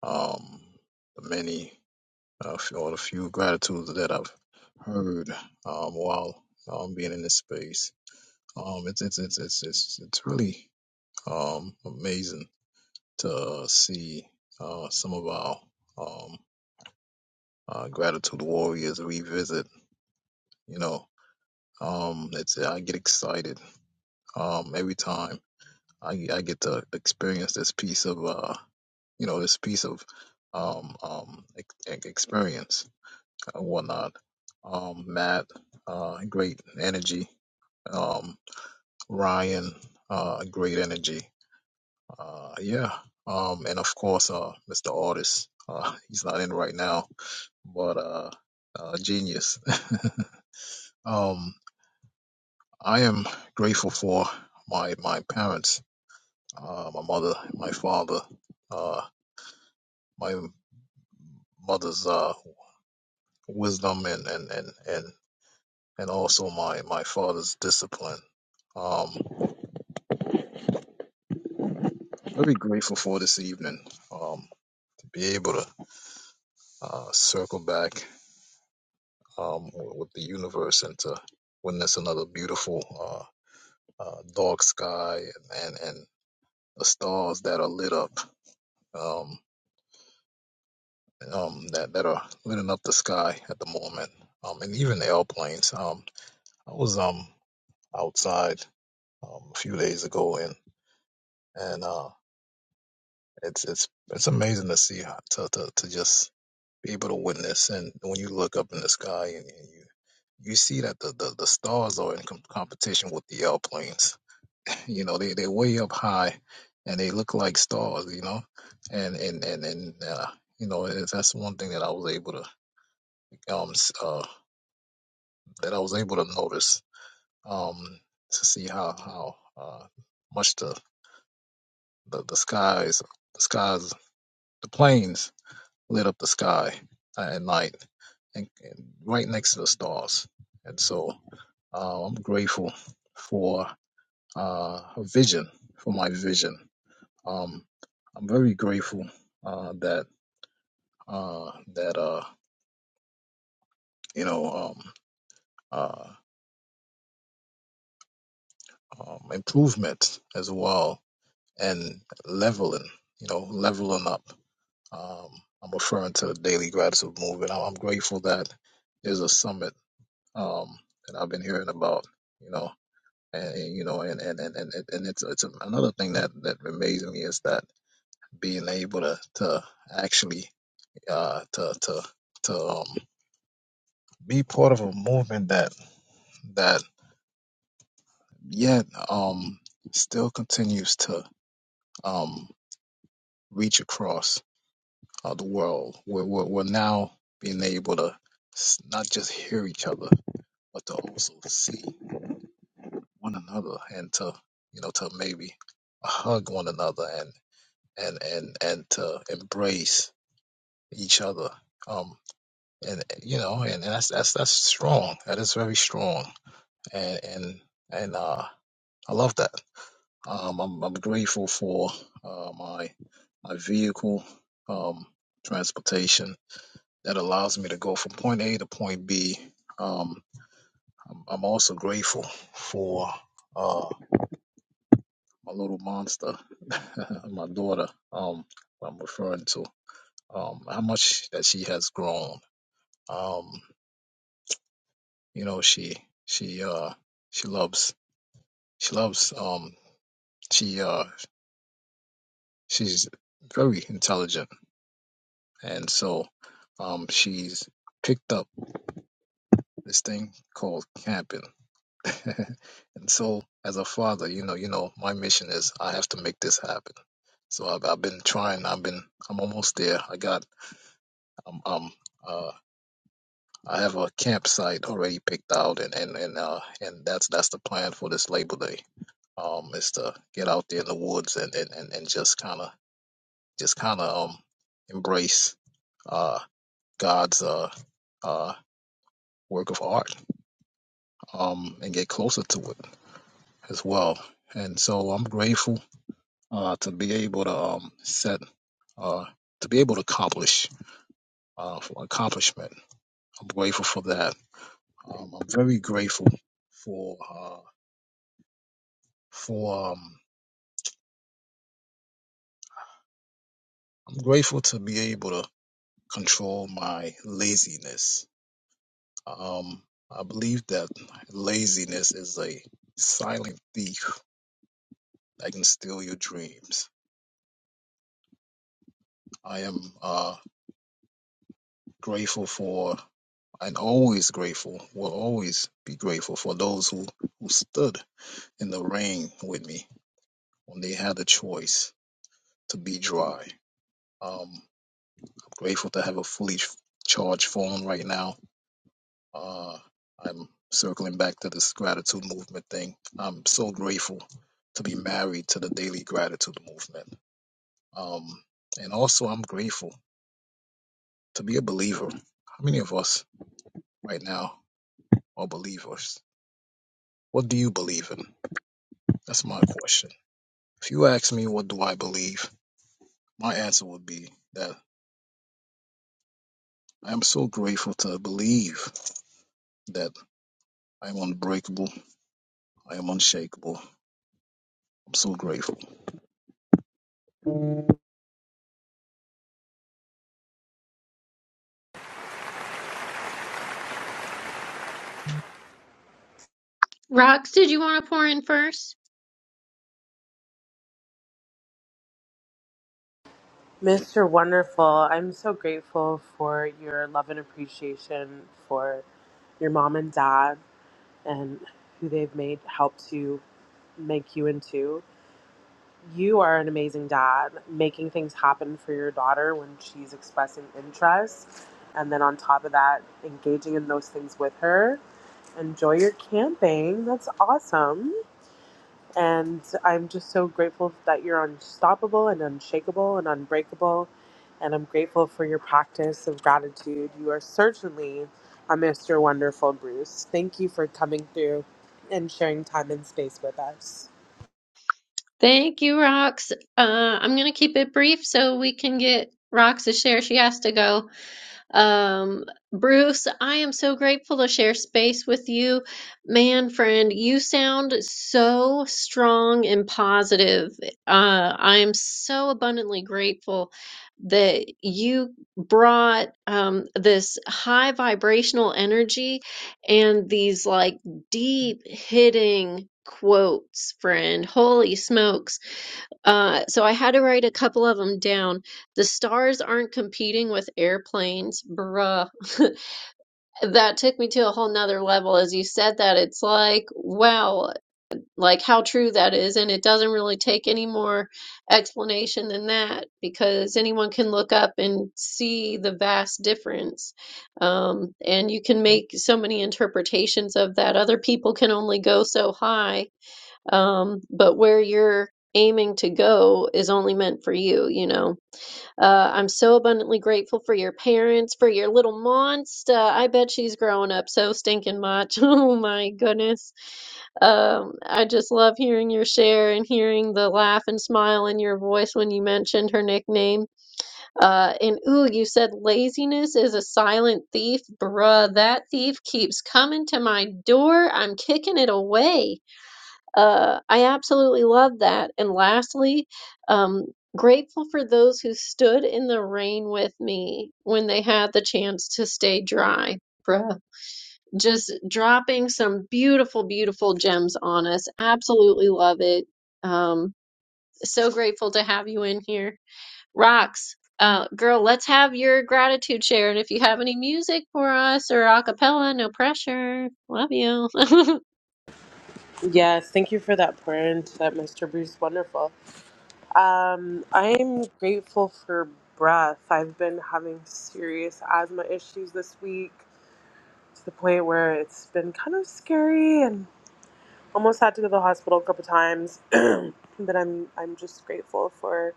Speaker 11: um, the many uh, or the few gratitudes that I've heard um, while um, being in this space. Um, it's it's it's it's it's it's really um, amazing to uh, see uh, some of our um, uh, gratitude warriors revisit. You know, um, it's I get excited um, every time I, I get to experience this piece of uh, you know this piece of um, um, ex- ex- experience and whatnot. Um, Matt, uh, great energy. Um, Ryan, uh, great energy. Uh, yeah. Um, and of course, uh, Mr. Artis, uh, he's not in right now but uh, uh genius. Um, I am grateful for my my parents, uh, my mother, my father, uh, my mother's uh wisdom and and and and and also my my father's discipline. Um, I'm very grateful for this evening. Um, to be able to uh, circle back um w- with the universe and to witness another beautiful uh, uh dark sky and and, and the stars that are lit up. Um, um, that that are lighting up the sky at the moment, um, and even the airplanes. Um, I was um outside um, a few days ago, and and uh, it's it's it's amazing to see how- to to to just be able to witness. And when you look up in the sky, and, and you you see that the, the, the stars are in com- competition with the airplanes. You know, they they're way up high, and they look like stars. You know, and and and and uh, you know it- that's one thing that I was able to um s- uh, that I was able to notice um, to see how how uh, much the, the the skies the skies the planes lit up the sky at night and, and right next to the stars. And so uh, I'm grateful for uh, a vision for my vision. Um, I'm very grateful uh, that uh, that uh, you know um, uh, um, improvement as well and leveling, you know, leveling up. Um, I'm referring to the Daily Gratitude Movement. I'm I'm grateful that there's a summit um, that I've been hearing about, you know, and, and, you know, and and and and, and it's it's another thing that that amazes me is that being able to to actually uh, to to to um, be part of a movement that that yet um, still continues to um, reach across of the world. We're, we're, we're now being able to s- not just hear each other, but to also see one another and to, you know, to maybe hug one another and, and, and, and to embrace each other. Um, and you know, and, and that's, that's, that's strong. That is very strong. And, and, and, uh, I love that. Um, I'm, I'm grateful for, uh, my, my vehicle, um, transportation that allows me to go from point A to point B. Um, I'm, I'm also grateful for uh, my little monster, my daughter. Um, I'm referring to um, how much that she has grown. Um, you know, she she uh, she loves she loves um, she uh, she's very intelligent, and so um, she's picked up this thing called camping and so as a father you know you know my mission is i have to make this happen so i've, I've been trying i've been i'm almost there i got um um uh i have a campsite already picked out and and and uh and that's that's the plan for this labor day um is to get out there in the woods and and and, and just kind of just kind of um embrace uh god's uh uh work of art um and get closer to it as well and so i'm grateful uh, to be able to um, set, uh, to be able to accomplish, uh, for accomplishment. I'm grateful for that. Um, I'm very grateful for, uh, for, um, I'm grateful to be able to control my laziness. Um, I believe that laziness is a silent thief that can steal your dreams. I am uh, grateful for and always grateful, will always be grateful for those who, who stood in the rain with me when they had the choice to be dry. Um, grateful to have a fully ch- charged phone right now. Uh, I'm circling back to this gratitude movement thing. I'm so grateful to be married to the daily gratitude movement. Um, and also, I'm grateful to be a believer. How many of us right now are believers? What do you believe in? That's my question. If you ask me, what do I believe? My answer would be that. I'm so grateful to believe that I'm unbreakable. I am unshakable. I'm so grateful.
Speaker 1: Rox, did you want to pour in first?
Speaker 5: Mr. Wonderful, I'm so grateful for your love and appreciation for your mom and dad and who they've made help to make you into. You are an amazing dad, making things happen for your daughter when she's expressing interest. And then on top of that, engaging in those things with her Enjoy your camping. That's awesome. And I'm just so grateful that you're unstoppable and unshakable and unbreakable. And I'm grateful for your practice of gratitude. You are certainly a Mr. Wonderful, Bruce. Thank you for coming through and sharing time and space with us.
Speaker 1: Thank you, Rox. Uh, I'm going to keep it brief so we can get Rox to share. She has to go. Um, Bruce, I am so grateful to share space with you. Man, friend, you sound so strong and positive. Uh, I am so abundantly grateful that you brought um, this high vibrational energy and these like deep hitting quotes, friend. Holy smokes uh, so I had to write a couple of them down. The stars aren't competing with airplanes, bruh. That took me to a whole nother level. As you said that, it's like, wow, like how true that is. And it doesn't really take any more explanation than that because anyone can look up and see the vast difference. Um, and you can make so many interpretations of that. Other people can only go so high um, but where you're aiming to go is only meant for you, you know. Uh, I'm so abundantly grateful for your parents, for your little monster. I bet she's growing up so stinking much. Oh my goodness. Um, I just love hearing your share and hearing the laugh and smile in your voice when you mentioned her nickname. Uh, and ooh, you said laziness is a silent thief. Bruh, that thief keeps coming to my door. I'm kicking it away. Uh, I absolutely love that. And lastly, um, grateful for those who stood in the rain with me when they had the chance to stay dry, bruh. Just dropping some beautiful, beautiful gems on us. Absolutely love it. Um, so grateful to have you in here. Rocks, uh, girl, let's have your gratitude share. And if you have any music for us or a cappella, no pressure. Love you.
Speaker 5: Yes, thank you for that prayer and that Mr. Bruce Wonderful. Um, I'm grateful for breath. I've been having serious asthma issues this week. to the point where it's been kind of scary and almost had to go to the hospital a couple times. but I'm I'm just grateful for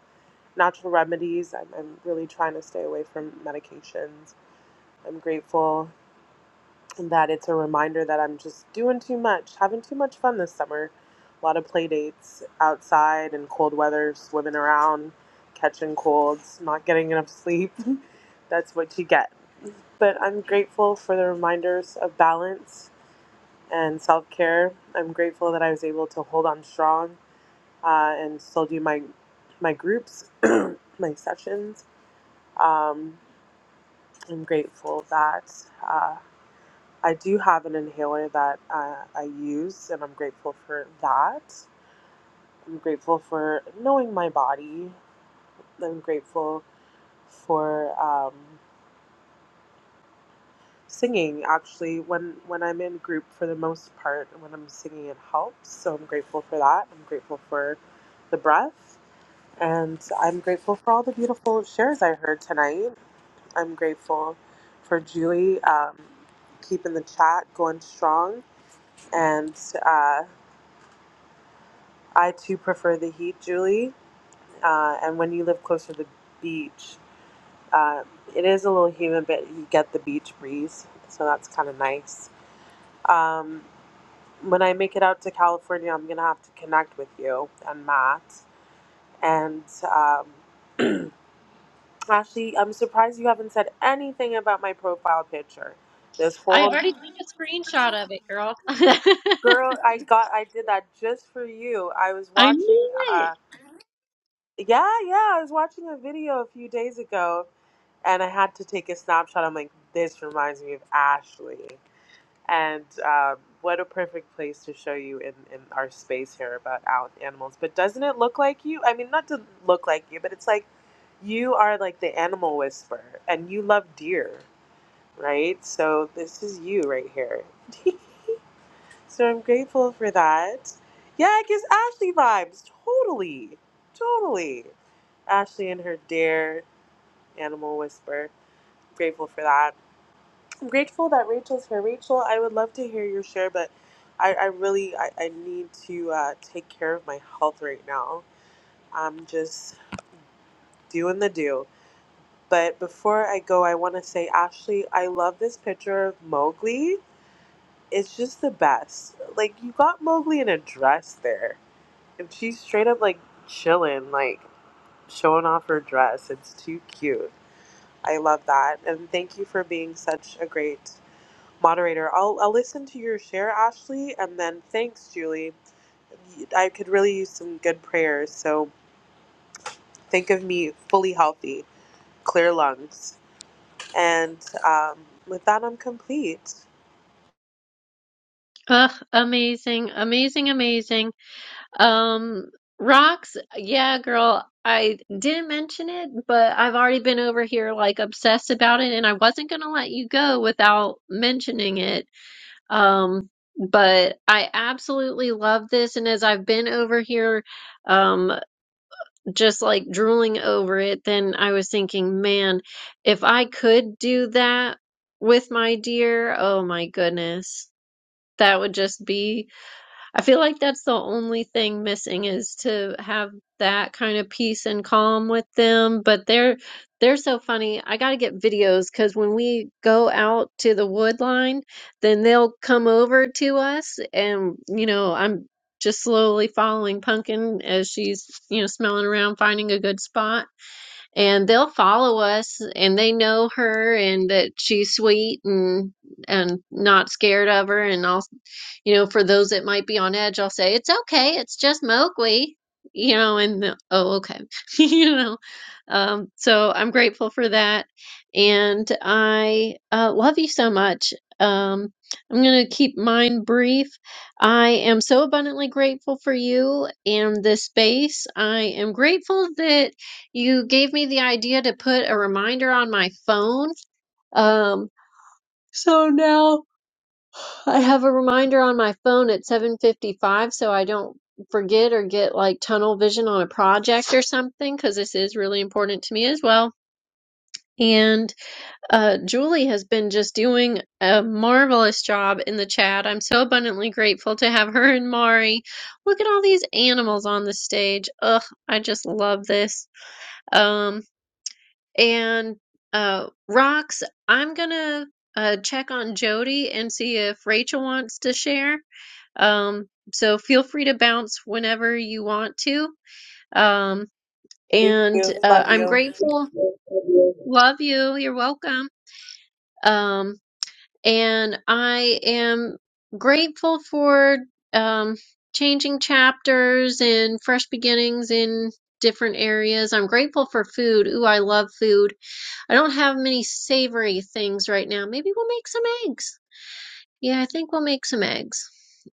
Speaker 5: natural remedies. I'm, I'm really trying to stay away from medications. I'm grateful that it's a reminder that I'm just doing too much, having too much fun this summer. A lot of play dates outside in cold weather, swimming around, catching colds, not getting enough sleep. That's what you get. But I'm grateful for the reminders of balance and self care. I'm grateful that I was able to hold on strong uh, and still do my my groups, my sessions. Um, I'm grateful that uh, I do have an inhaler that uh, I use, and I'm grateful for that. I'm grateful for knowing my body. I'm grateful for um, singing. Actually, when when I'm in group, for the most part, when I'm singing, it helps. So I'm grateful for that. I'm grateful for the breath. And I'm grateful for all the beautiful shares I heard tonight. I'm grateful for Julie um, keeping the chat going strong. And uh, I too prefer the heat, Julie. Uh, and when you live closer to the beach, uh, it is a little humid, but you get the beach breeze. So that's kind of nice. Um, when I make it out to California, I'm going to have to connect with you and Matt. And um, Ashley, I'm surprised you haven't said anything about my profile picture. This
Speaker 1: i
Speaker 5: whole
Speaker 1: already took a screenshot of it, girl.
Speaker 5: girl, I got, I did that just for you. I was
Speaker 1: I
Speaker 5: watching,
Speaker 1: knew it.
Speaker 5: uh, yeah, yeah, I was watching a video a few days ago, and I had to take a snapshot. I'm like, this reminds me of Ashley, and um, what a perfect place to show you in in our space here about out animals. But doesn't it look like you? I mean, not to look like you, but it's like you are like the animal whisperer, and you love deer. right? So this is you right here. so I'm grateful for that. Yeah, it gives Ashley vibes. Totally. Totally. Ashley and her dare animal whisper. Grateful for that. I'm grateful that Rachel's here. Rachel, I would love to hear your share, but I, I really I, I need to uh, take care of my health right now. I'm just doing the do. But before I go, I want to say, Ashley, I love this picture of Mowgli. it's just the best. Like you got Mowgli in a dress there, and she's straight up like chilling, like showing off her dress. It's too cute. I love that, and thank you for being such a great moderator. I'll I'll listen to your share, Ashley, and then thanks, Julie. I could really use some good prayers. So think of me fully healthy, clear lungs, and um, with that, I'm complete.
Speaker 1: Ugh, amazing, amazing, amazing. Um, rocks, yeah, girl. I didn't mention it, but I've already been over here like obsessed about it, and I wasn't gonna let you go without mentioning it. Um, but I absolutely love this, and as I've been over here, um, just like drooling over it, then I was thinking, man, if I could do that with my deer, oh my goodness, that would just be I feel like that's the only thing missing is to have that kind of peace and calm with them. But they're they're so funny. I gotta get videos because when we go out to the wood line, then they'll come over to us and you know, I'm just slowly following Pumpkin as she's, you know, smelling around, finding a good spot and they'll follow us and they know her and that she's sweet and and not scared of her and I'll you know for those that might be on edge I'll say it's okay it's just Mowgli you know and they'll, oh okay you know um so I'm grateful for that and I uh, love you so much um I'm going to keep mine brief I am so abundantly grateful for you and this space I am grateful that you gave me the idea to put a reminder on my phone. Um, so now I have a reminder on my phone at 7:55 so I don't forget or get like tunnel vision on a project or something because this is really important to me as well. And uh, Julie has been just doing a marvelous job in the chat. I'm so abundantly grateful to have her and Mari. Look at all these animals on the stage. Ugh, I just love this. Um, And uh, Rocks, I'm gonna uh, check on Jody and see if Rachel wants to share. Um, so feel free to bounce whenever you want to. Um,
Speaker 5: Thank
Speaker 1: and
Speaker 5: you.
Speaker 1: uh,
Speaker 5: Love
Speaker 1: I'm
Speaker 5: you.
Speaker 1: grateful. Love you. You're welcome. Um, and I am grateful for um, changing chapters and fresh beginnings in different areas. I'm grateful for food. Ooh, I love food I don't have many savory things right now. Maybe we'll make some eggs. Yeah, I think we'll make some eggs.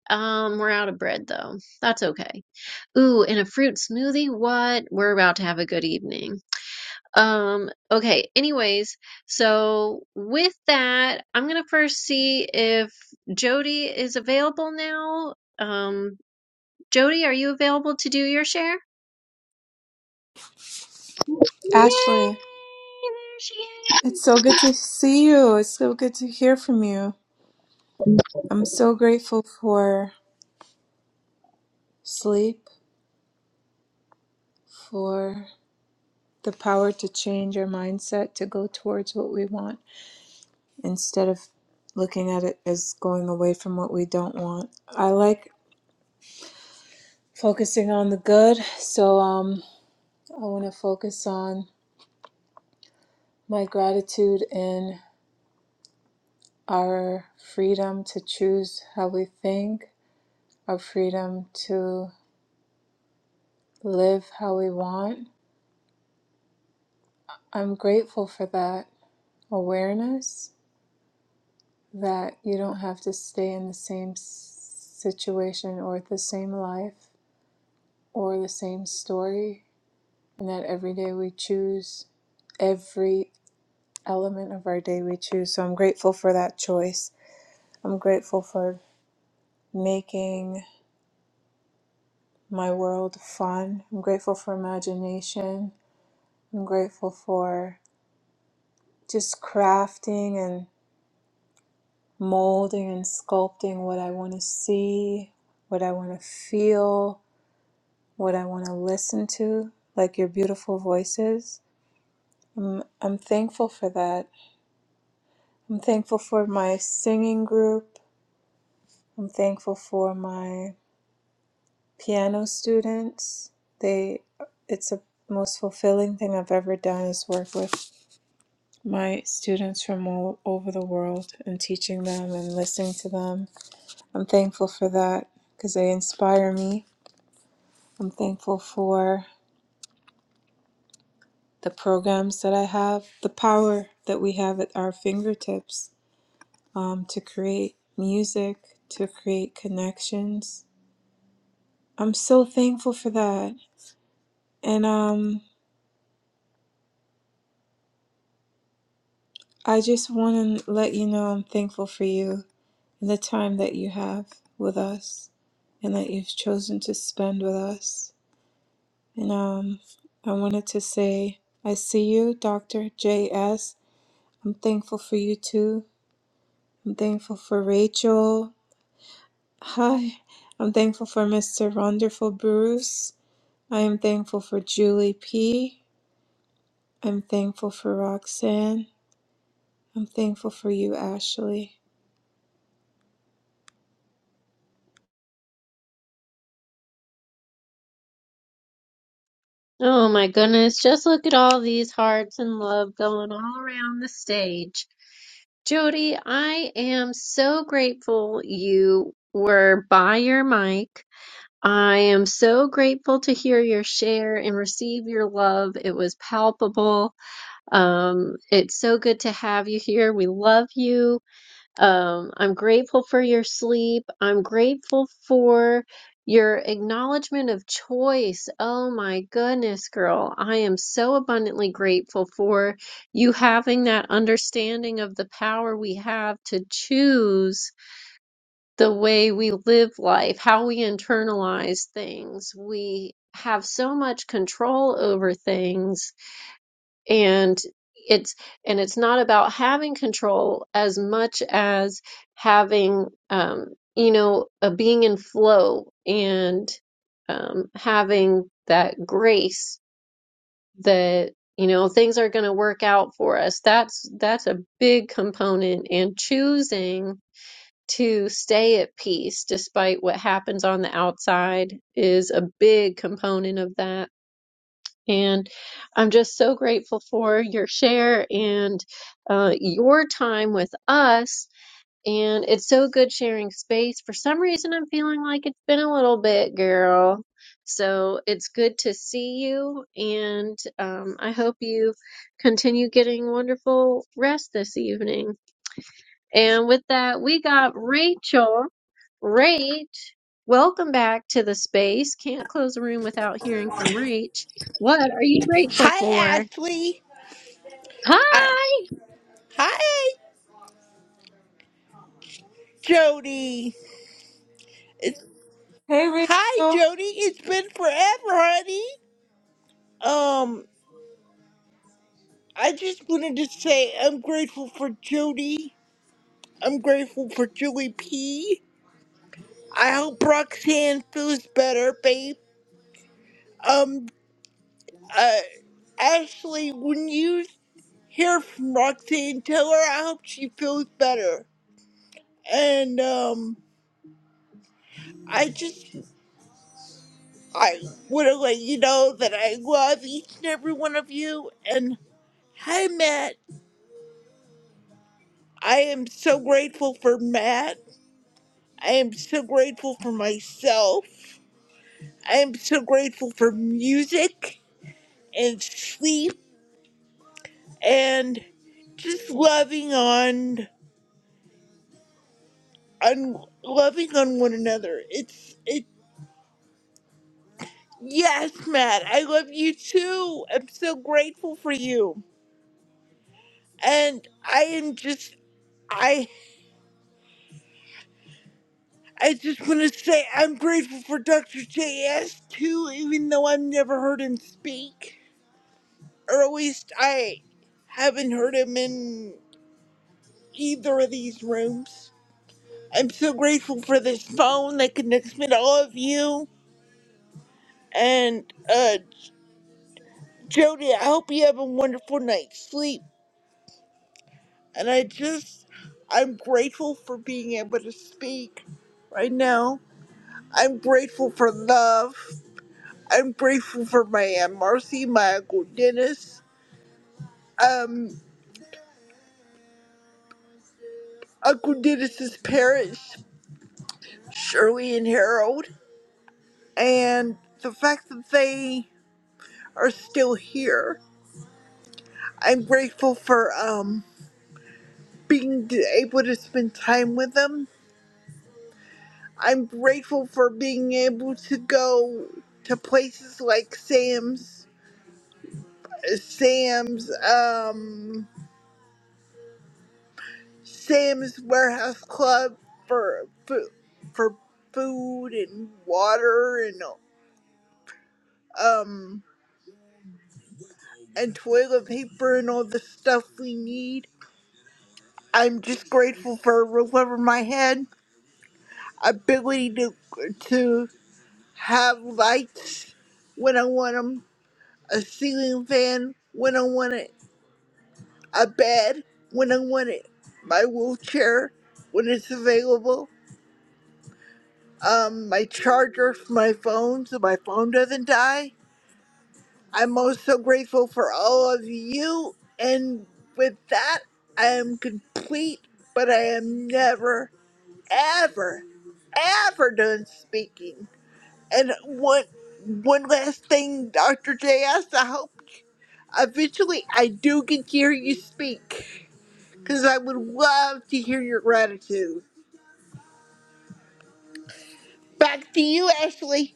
Speaker 1: Um, we're out of bread though. That's okay. Ooh, and a fruit smoothie? What? We're about to have a good evening. Um, okay, anyways, so with that, I'm gonna first see if Jody is available now. Um, Jody, are you available to do your share? Yay!
Speaker 12: Ashley,
Speaker 1: There she is!
Speaker 12: it's so good to see you. It's so good to hear from you. I'm so grateful for sleep, for the power to change our mindset to go towards what we want instead of looking at it as going away from what we don't want. I like focusing on the good, so um I want to focus on my gratitude and our freedom to choose how we think, our freedom to live how we want I'm grateful for that awareness that you don't have to stay in the same situation or the same life or the same story, and that every day we choose every element of our day we choose. So I'm grateful for that choice. I'm grateful for making my world fun. I'm grateful for imagination. I'm grateful for just crafting and. molding and sculpting what I want to see, what I want to feel, what I want to listen to, like your beautiful voices. I'm, I'm thankful for that. I'm thankful for my singing group. I'm thankful for my piano students. They, it's the most fulfilling thing I've ever done is work with my students from all over the world and teaching them and listening to them. I'm thankful for that because they inspire me. I'm thankful for the programs that I have, the power that we have at our fingertips um, to create music, to create connections. I'm so thankful for that. And um, I just want to let you know I'm thankful for you and the time that you have with us and that you've chosen to spend with us. And um, I wanted to say, I see you, Dr. J am thankful for you too. I'm thankful for Rachel. Hi. I'm thankful for Mr. Wonderful Bruce. I am thankful for Julie P. I'm thankful for Roxanne. I'm thankful for you, Ashley.
Speaker 1: Oh my goodness, just look at all these hearts and love going all around the stage. Jody, I am so grateful you were by your mic. I am so grateful to hear your share and receive your love. It was palpable. Um, it's so good to have you here. We love you. Um, I'm grateful for your sleep. I'm grateful for your acknowledgement of choice. Oh my goodness, girl. I am so abundantly grateful for you having that understanding of the power we have to choose the way we live life, how we internalize things. We have so much control over things and it's and it's not about having control as much as having um you know a being in flow and um having that grace that you know things are going to work out for us that's that's a big component and choosing to stay at peace despite what happens on the outside is a big component of that and I'm just so grateful for your share and uh, your time with us. And it's so good sharing space. For some reason, I'm feeling like it's been a little bit, girl. So it's good to see you. And um, I hope you continue getting wonderful rest this evening. And with that, we got Rachel. Rach, welcome back to the space. Can't close a room without hearing from Rach. What are you grateful
Speaker 13: Hi,
Speaker 1: for?
Speaker 13: Ashley. I,
Speaker 1: Hi.
Speaker 13: hi, Jody. It's,
Speaker 12: Hey,
Speaker 13: hi,
Speaker 12: Rachel.
Speaker 13: Jody. It's been forever, honey. Um, I just wanted to say I'm grateful for Jody. I'm grateful for Julie P. I hope Roxanne feels better, babe. Um, uh, Ashley, when you hear from Roxanne, tell her I hope she feels better. And, um, I just I want to let you know that I love each and every one of you. And hi, Matt. I am so grateful for Matt. I am so grateful for myself. I am so grateful for music and sleep and just loving on, on loving on one another. It's it. Yes, Matt. I love you too. I'm so grateful for you. And I am just. I just want to say I'm grateful for Dr. JS too, even though I've never heard him speak. Or at least I haven't heard him in either of these rooms. I'm so grateful for this phone that connects me to all of you. And, uh, Jody, I hope you have a wonderful night's sleep. And I just, I'm grateful for being able to speak right now. I'm grateful for love. I'm grateful for my Aunt Marcy, my Uncle Dennis, um, Uncle Dennis's parents, Shirley and Harold, and the fact that they are still here. I'm grateful for um, being d- able to spend time with them. I'm grateful for being able to go to places like Sam's, Sam's. Um, Sam's Warehouse Club for food, for food and water and um and toilet paper and all the stuff we need. I'm just grateful for a roof over my head, ability to to have lights when I want them, a ceiling fan when I want it, a bed when I want it, my wheelchair when it's available um, my charger for my phone so my phone doesn't die. I'm also grateful for all of you. And with that, I am complete, but I am never, ever, ever done speaking. And one, one last thing, Dr. J.S., I hope eventually I do get to hear you speak because I would love to hear your gratitude. Back to you, Ashley.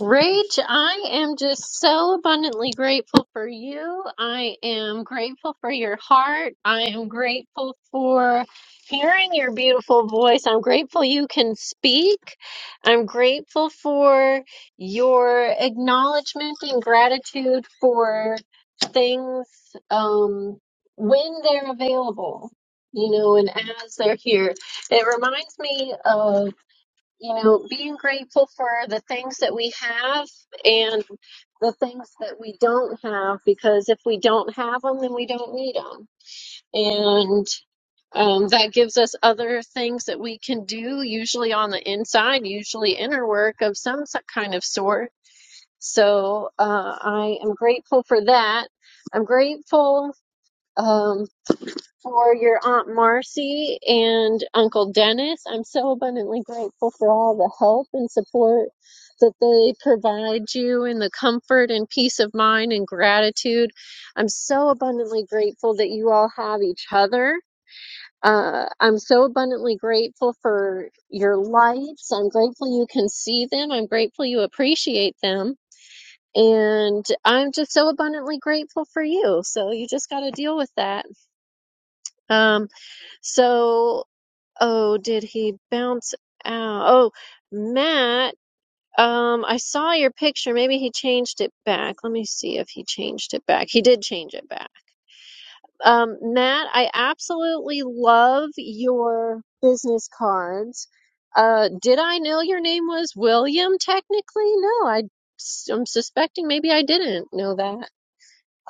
Speaker 1: Rach, I am just so abundantly grateful for you. I am grateful for your heart. I am grateful for hearing your beautiful voice. I'm grateful you can speak. I'm grateful for your acknowledgement and gratitude for things um, when they're available, you know, and as they're here. It reminds me of you know, being grateful for the things that we have and the things that we don't have, because if we don't have them, then we don't need them. And um, that gives us other things that we can do, usually on the inside, usually inner work of some so- kind of sort. So uh, I am grateful for that. I'm grateful. Um, for your Aunt Marcy and Uncle Dennis. I'm so abundantly grateful for all the help and support that they provide you and the comfort and peace of mind and gratitude. I'm so abundantly grateful that you all have each other. Uh, I'm so abundantly grateful for your lights. I'm grateful you can see them. I'm grateful you appreciate them. And I'm just so abundantly grateful for you. So you just got to deal with that. Um, so Oh, did he bounce out? Oh, Matt, um, I saw your picture. Maybe he changed it back. Let me see if he changed it back. He did change it back. Um, Matt, I absolutely love your business cards. Uh, did I know your name was William technically? No, I, I'm suspecting maybe I didn't know that.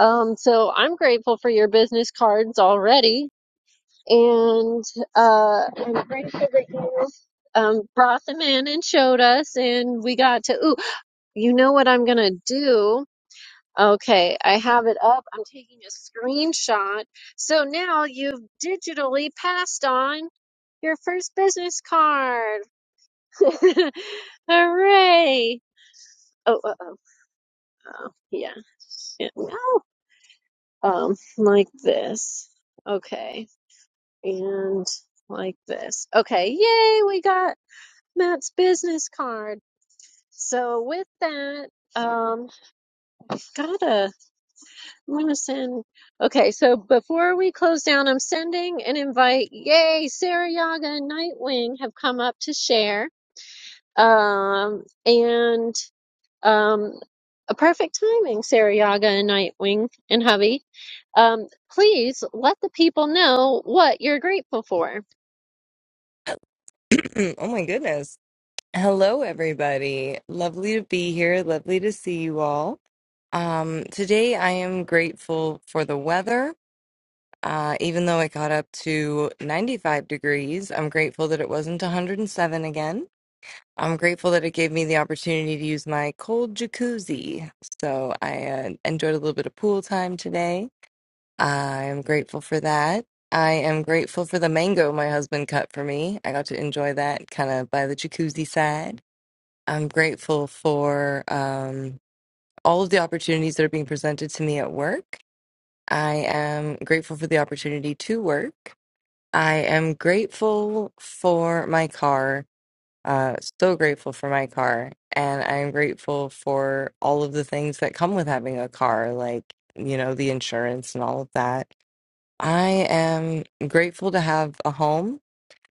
Speaker 1: Um, so I'm grateful for your business cards already and uh, I'm grateful that you um, brought them in and showed us, and we got to. Ooh, you know what I'm gonna do? Okay, I have it up. I'm taking a screenshot. So now you've digitally passed on your first business card. Hooray! Oh, uh, oh, oh, yeah. yeah. No, um, like this. Okay, and like this. Okay, yay! We got Matt's business card. So with that, um, gotta, I'm gonna send. Okay, so before we close down, I'm sending an invite. Yay, Sarah Yaga and Nightwing have come up to share. Um, and um, a perfect timing, Sarah Yaga and Nightwing and hubby. Um, please let the people know what you're grateful for.
Speaker 14: oh my goodness. Hello, everybody. Lovely to be here. Lovely to see you all. Um, today, I am grateful for the weather. Uh, even though it got up to 95 degrees, I'm grateful that it wasn't 107 again. I'm grateful that it gave me the opportunity to use my cold jacuzzi. So I uh, enjoyed a little bit of pool time today. I am grateful for that. I am grateful for the mango my husband cut for me. I got to enjoy that kind of by the jacuzzi side. I'm grateful for um, all of the opportunities that are being presented to me at work. I am grateful for the opportunity to work. I am grateful for my car. Uh, so grateful for my car. And I am grateful for all of the things that come with having a car, like, you know, the insurance and all of that. I am grateful to have a home.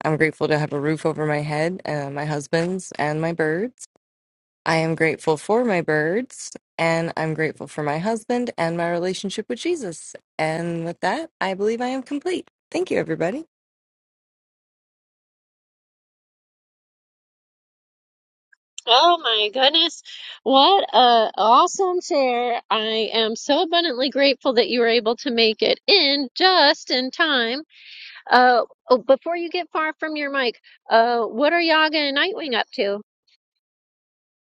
Speaker 14: I'm grateful to have a roof over my head, uh, my husband's, and my birds. I am grateful for my birds, and I'm grateful for my husband and my relationship with Jesus. And with that, I believe I am complete. Thank you, everybody.
Speaker 1: Oh my goodness. What a awesome share. I am so abundantly grateful that you were able to make it in just in time. Uh, oh, before you get far from your mic, uh, what are Yaga and Nightwing up to?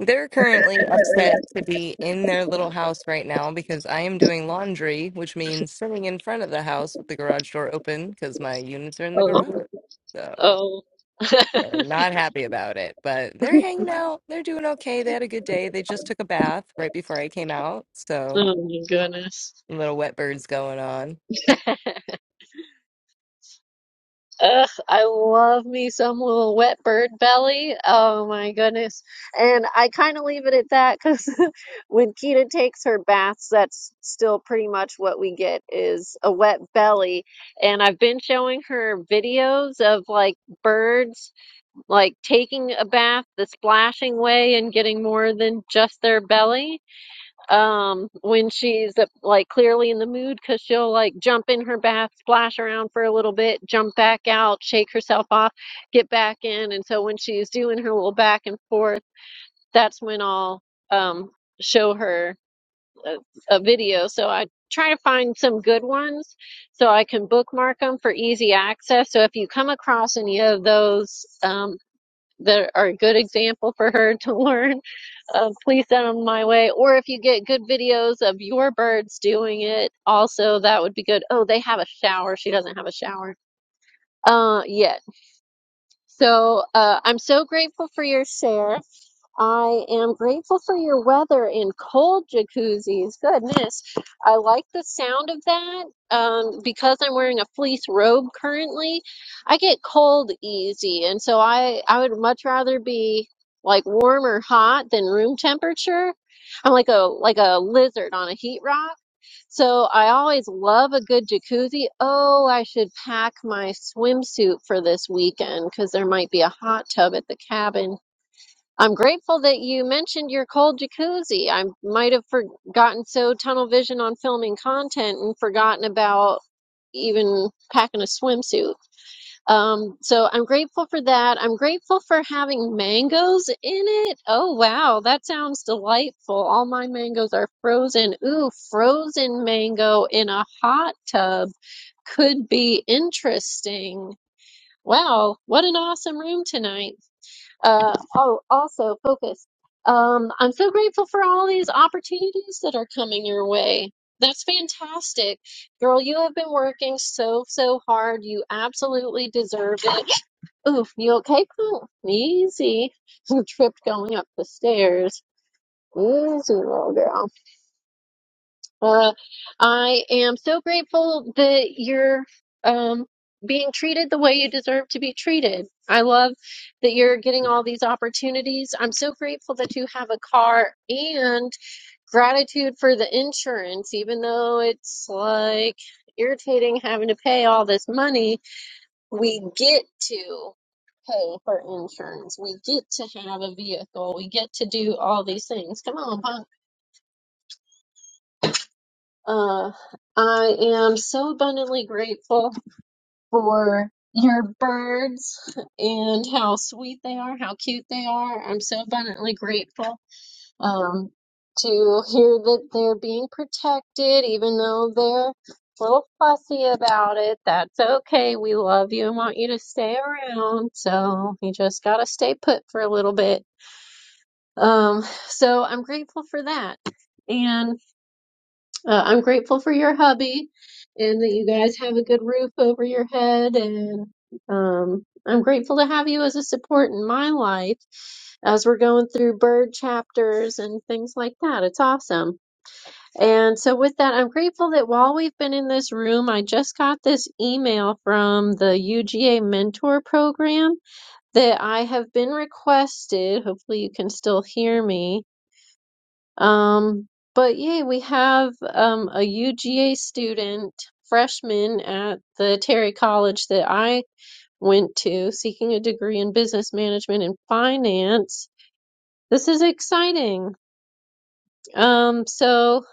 Speaker 14: They're currently upset to be in their little house right now because I am doing laundry, which means sitting in front of the house with the garage door open because my units are in the garage.
Speaker 1: Oh,
Speaker 14: So.
Speaker 1: oh.
Speaker 14: They're not happy about it, but they're hanging out. They're doing okay. They had a good day. They just took a bath right before I came out. So,
Speaker 1: Oh my goodness.
Speaker 14: little wet birds going on.
Speaker 1: Ugh, I love me some little wet bird belly. Oh my goodness. And I kind of leave it at that because when Kita takes her baths, that's still pretty much what we get is a wet belly. And I've been showing her videos of like birds like taking a bath the splashing way and getting more than just their belly um when she's uh, like clearly in the mood because she'll like jump in her bath splash around for a little bit jump back out shake herself off get back in and so when she's doing her little back and forth that's when i'll um show her a, a video so i try to find some good ones so i can bookmark them for easy access so if you come across any of those um that are a good example for her to learn of please send them my way. Or if you get good videos of your birds doing it, also that would be good. Oh, they have a shower. She doesn't have a shower uh, yet. So uh, I'm so grateful for your share. I am grateful for your weather and cold jacuzzis. Goodness. I like the sound of that. Um, because I'm wearing a fleece robe currently, I get cold easy. And so I, I would much rather be like warm or hot than room temperature. I'm like a like a lizard on a heat rock. So I always love a good jacuzzi. Oh, I should pack my swimsuit for this weekend because there might be a hot tub at the cabin I'm grateful that you mentioned your cold jacuzzi. I might have forgotten so tunnel vision on filming content and forgotten about even packing a swimsuit. Um, so I'm grateful for that. I'm grateful for having mangoes in it. Oh, wow. That sounds delightful. All my mangoes are frozen. Ooh, frozen mango in a hot tub could be interesting. Wow, what an awesome room tonight uh, oh, also focus. Um, I'm so grateful for all these opportunities that are coming your way. That's fantastic. Girl, you have been working so, so hard. You absolutely deserve it. Oof, you okay, Pooh? Easy. tripped going up the stairs. Easy, little girl. Uh, I am so grateful that you're um, being treated the way you deserve to be treated. I love that you're getting all these opportunities. I'm so grateful that you have a car and gratitude for the insurance, even though it's like irritating having to pay all this money. We get to pay for insurance, we get to have a vehicle, we get to do all these things. Come on, Uh, I am so abundantly grateful for your birds and how sweet they are, how cute they are. I'm so abundantly grateful um, to hear that they're being protected, even though they're a little fussy about it. That's okay. We love you and want you to stay around. So you just gotta stay put for a little bit. Um, so I'm grateful for that. and. Uh, I'm grateful for your hubby and that you guys have a good roof over your head. And um, I'm grateful to have you as a support in my life as we're going through bird chapters and things like that. It's awesome. And so, with that, I'm grateful that while we've been in this room, I just got this email from the UGA Mentor Program that I have been requested. Hopefully, you can still hear me um, but yeah, we have um, a UGA student, freshman at the Terry College that I went to, seeking a degree in business management and finance. This is exciting. Um, so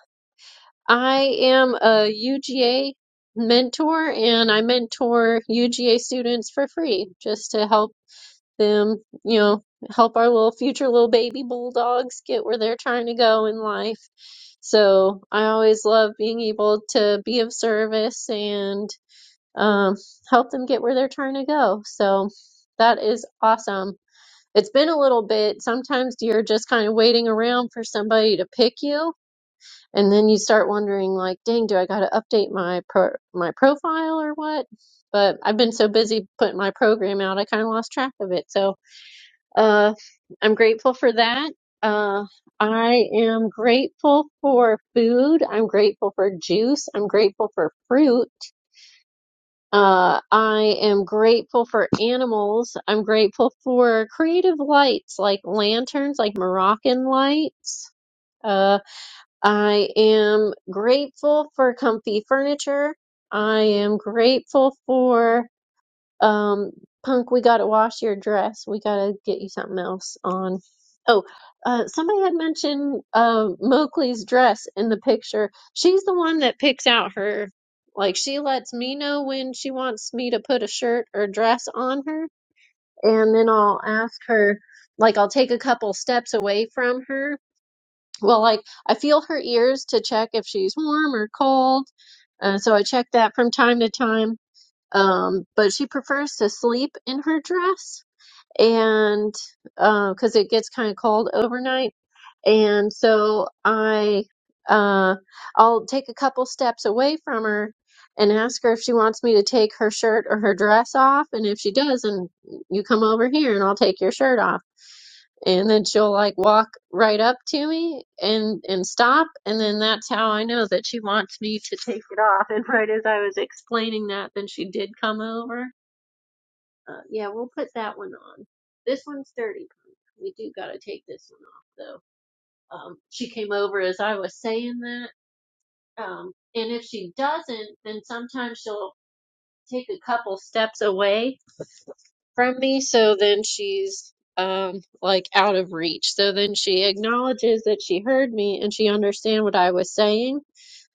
Speaker 1: I am a UGA mentor and I mentor UGA students for free just to help them, you know, help our little future little baby bulldogs get where they're trying to go in life. So I always love being able to be of service and um, help them get where they're trying to go. So that is awesome. It's been a little bit. Sometimes you're just kind of waiting around for somebody to pick you, and then you start wondering, like, dang, do I got to update my pro- my profile or what? But I've been so busy putting my program out, I kind of lost track of it. So uh, I'm grateful for that. Uh, I am grateful for food. I'm grateful for juice. I'm grateful for fruit. Uh, I am grateful for animals. I'm grateful for creative lights like lanterns, like Moroccan lights. Uh, I am grateful for comfy furniture. I am grateful for um, Punk, we gotta wash your dress. We gotta get you something else on. Oh, uh, somebody had mentioned uh, Mowgli's dress in the picture. She's the one that picks out her. Like she lets me know when she wants me to put a shirt or dress on her, and then I'll ask her. Like I'll take a couple steps away from her. Well, like I feel her ears to check if she's warm or cold. Uh, so I check that from time to time um, but she prefers to sleep in her dress and uh 'cause because it gets kind of cold overnight. And so I uh I'll take a couple steps away from her and ask her if she wants me to take her shirt or her dress off. And if she does, then you come over here and I'll take your shirt off. And then she'll like walk right up to me and and stop. And then that's how I know that she wants me to take it off. And right as I was explaining that, then she did come over uh, yeah, we'll put that one on. This one's dirty punk. We do gotta take this one off though. Um, she came over as I was saying that. Um, and if she doesn't, then sometimes she'll take a couple steps away from me, so then she's um like out of reach. So then she acknowledges that she heard me and she understand what I was saying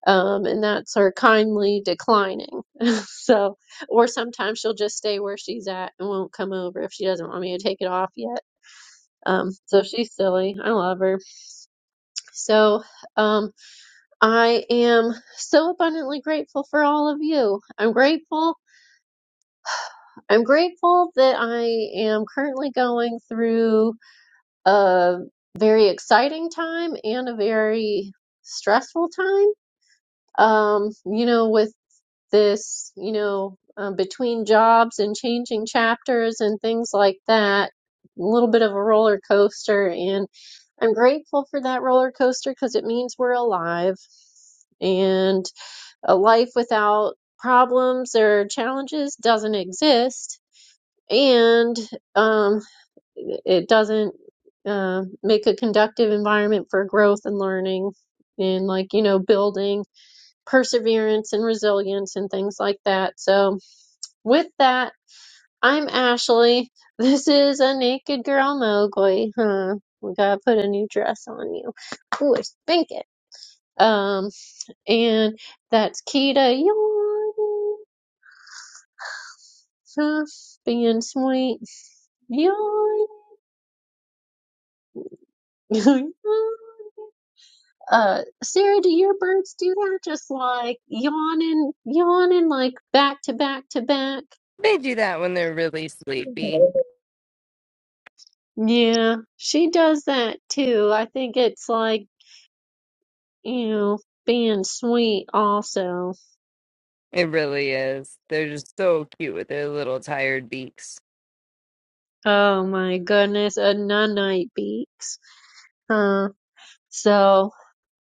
Speaker 1: um, and that's her kindly declining. so, or sometimes she'll just stay where she's at and won't come over if she doesn't want me to take it off yet. Um, so she's silly. I love her. So, um, I am so abundantly grateful for all of you. I'm grateful. I'm grateful that I am currently going through a very exciting time and a very stressful time. Um, you know, with this, you know, um, between jobs and changing chapters and things like that, a little bit of a roller coaster. And I'm grateful for that roller coaster because it means we're alive. And a life without problems or challenges doesn't exist. And um, it doesn't uh, make a conductive environment for growth and learning and, like, you know, building perseverance and resilience and things like that. So, with that, I'm Ashley. This is a naked girl Mowgli. Huh. We gotta put a new dress on you. Ooh, I spank it. Um, and that's Kita yawning, huh, being sweet, yawn. uh, Sarah, do your birds do that? Just like yawning, yawning, like back to back to back.
Speaker 14: They do that when they're really sleepy.
Speaker 1: Yeah, she does that too. I think it's like. You being sweet also.
Speaker 14: It really is. They're just so cute with their little tired beaks.
Speaker 1: Oh my goodness, a nunite beaks. Uh, so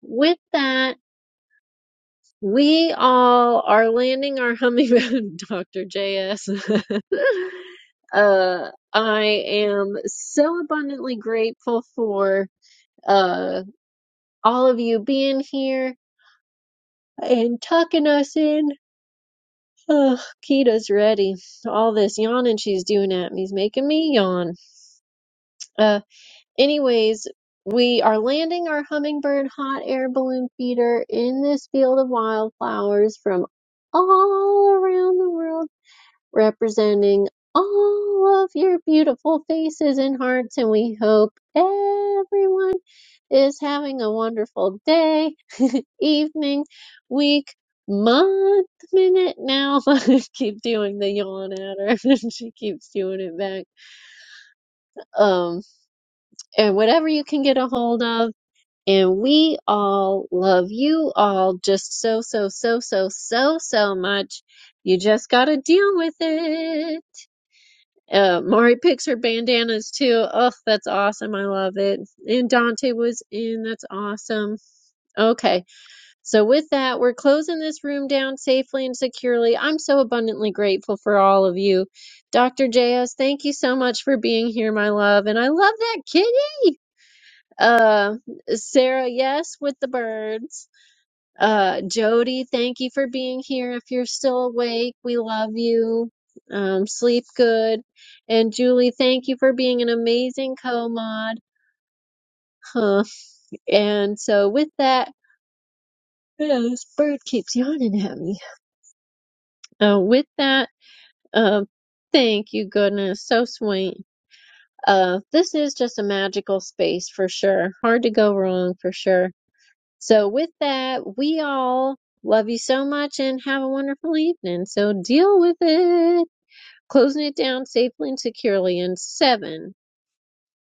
Speaker 1: with that, we all are landing our hummingbird, Dr. JS. uh, I am so abundantly grateful for uh all of you being here and tucking us in. Ugh, Kita's ready. All this yawning she's doing at me is making me yawn. Uh. anyways, we are landing our hummingbird hot air balloon feeder in this field of wildflowers from all around the world, representing all of your beautiful faces and hearts. And we hope everyone is having a wonderful day, evening, week, month, minute now. I keep doing the yawn at her. she keeps doing it back. Um, and whatever you can get a hold of And we all love you all just so, so, so, so, so, so much. You just gotta deal with it. Uh, Mari picks her bandanas too. Oh, that's awesome. I love it. And Dante was in. That's awesome. Okay. So with that, we're closing this room down safely and securely. I'm so abundantly grateful for all of you. Dr. JS, thank you so much for being here, my love. And I love that kitty. Uh, Sarah, yes, with the birds. Uh, Jody, thank you for being here. If you're still awake, we love you. Um, sleep good. And Julie, thank you for being an amazing co-mod. Huh. And so with that, yeah, this bird keeps yawning at me. Uh, with that, uh, thank you, goodness. So sweet. Uh, this is just a magical space for sure. Hard to go wrong for sure. So with that, we all Love you so much and have a wonderful evening. So deal with it. closing it down safely and securely. And seven,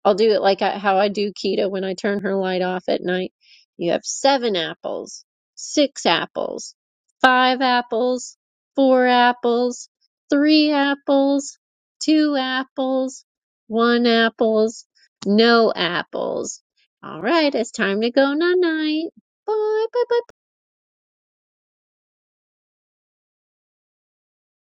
Speaker 1: I'll do it like I, how I do keto when I turn her light off at night. You have seven apples, six apples, five apples, four apples, three apples, two apples, one apples, no apples. All right, it's time to go night night. Bye bye bye bye.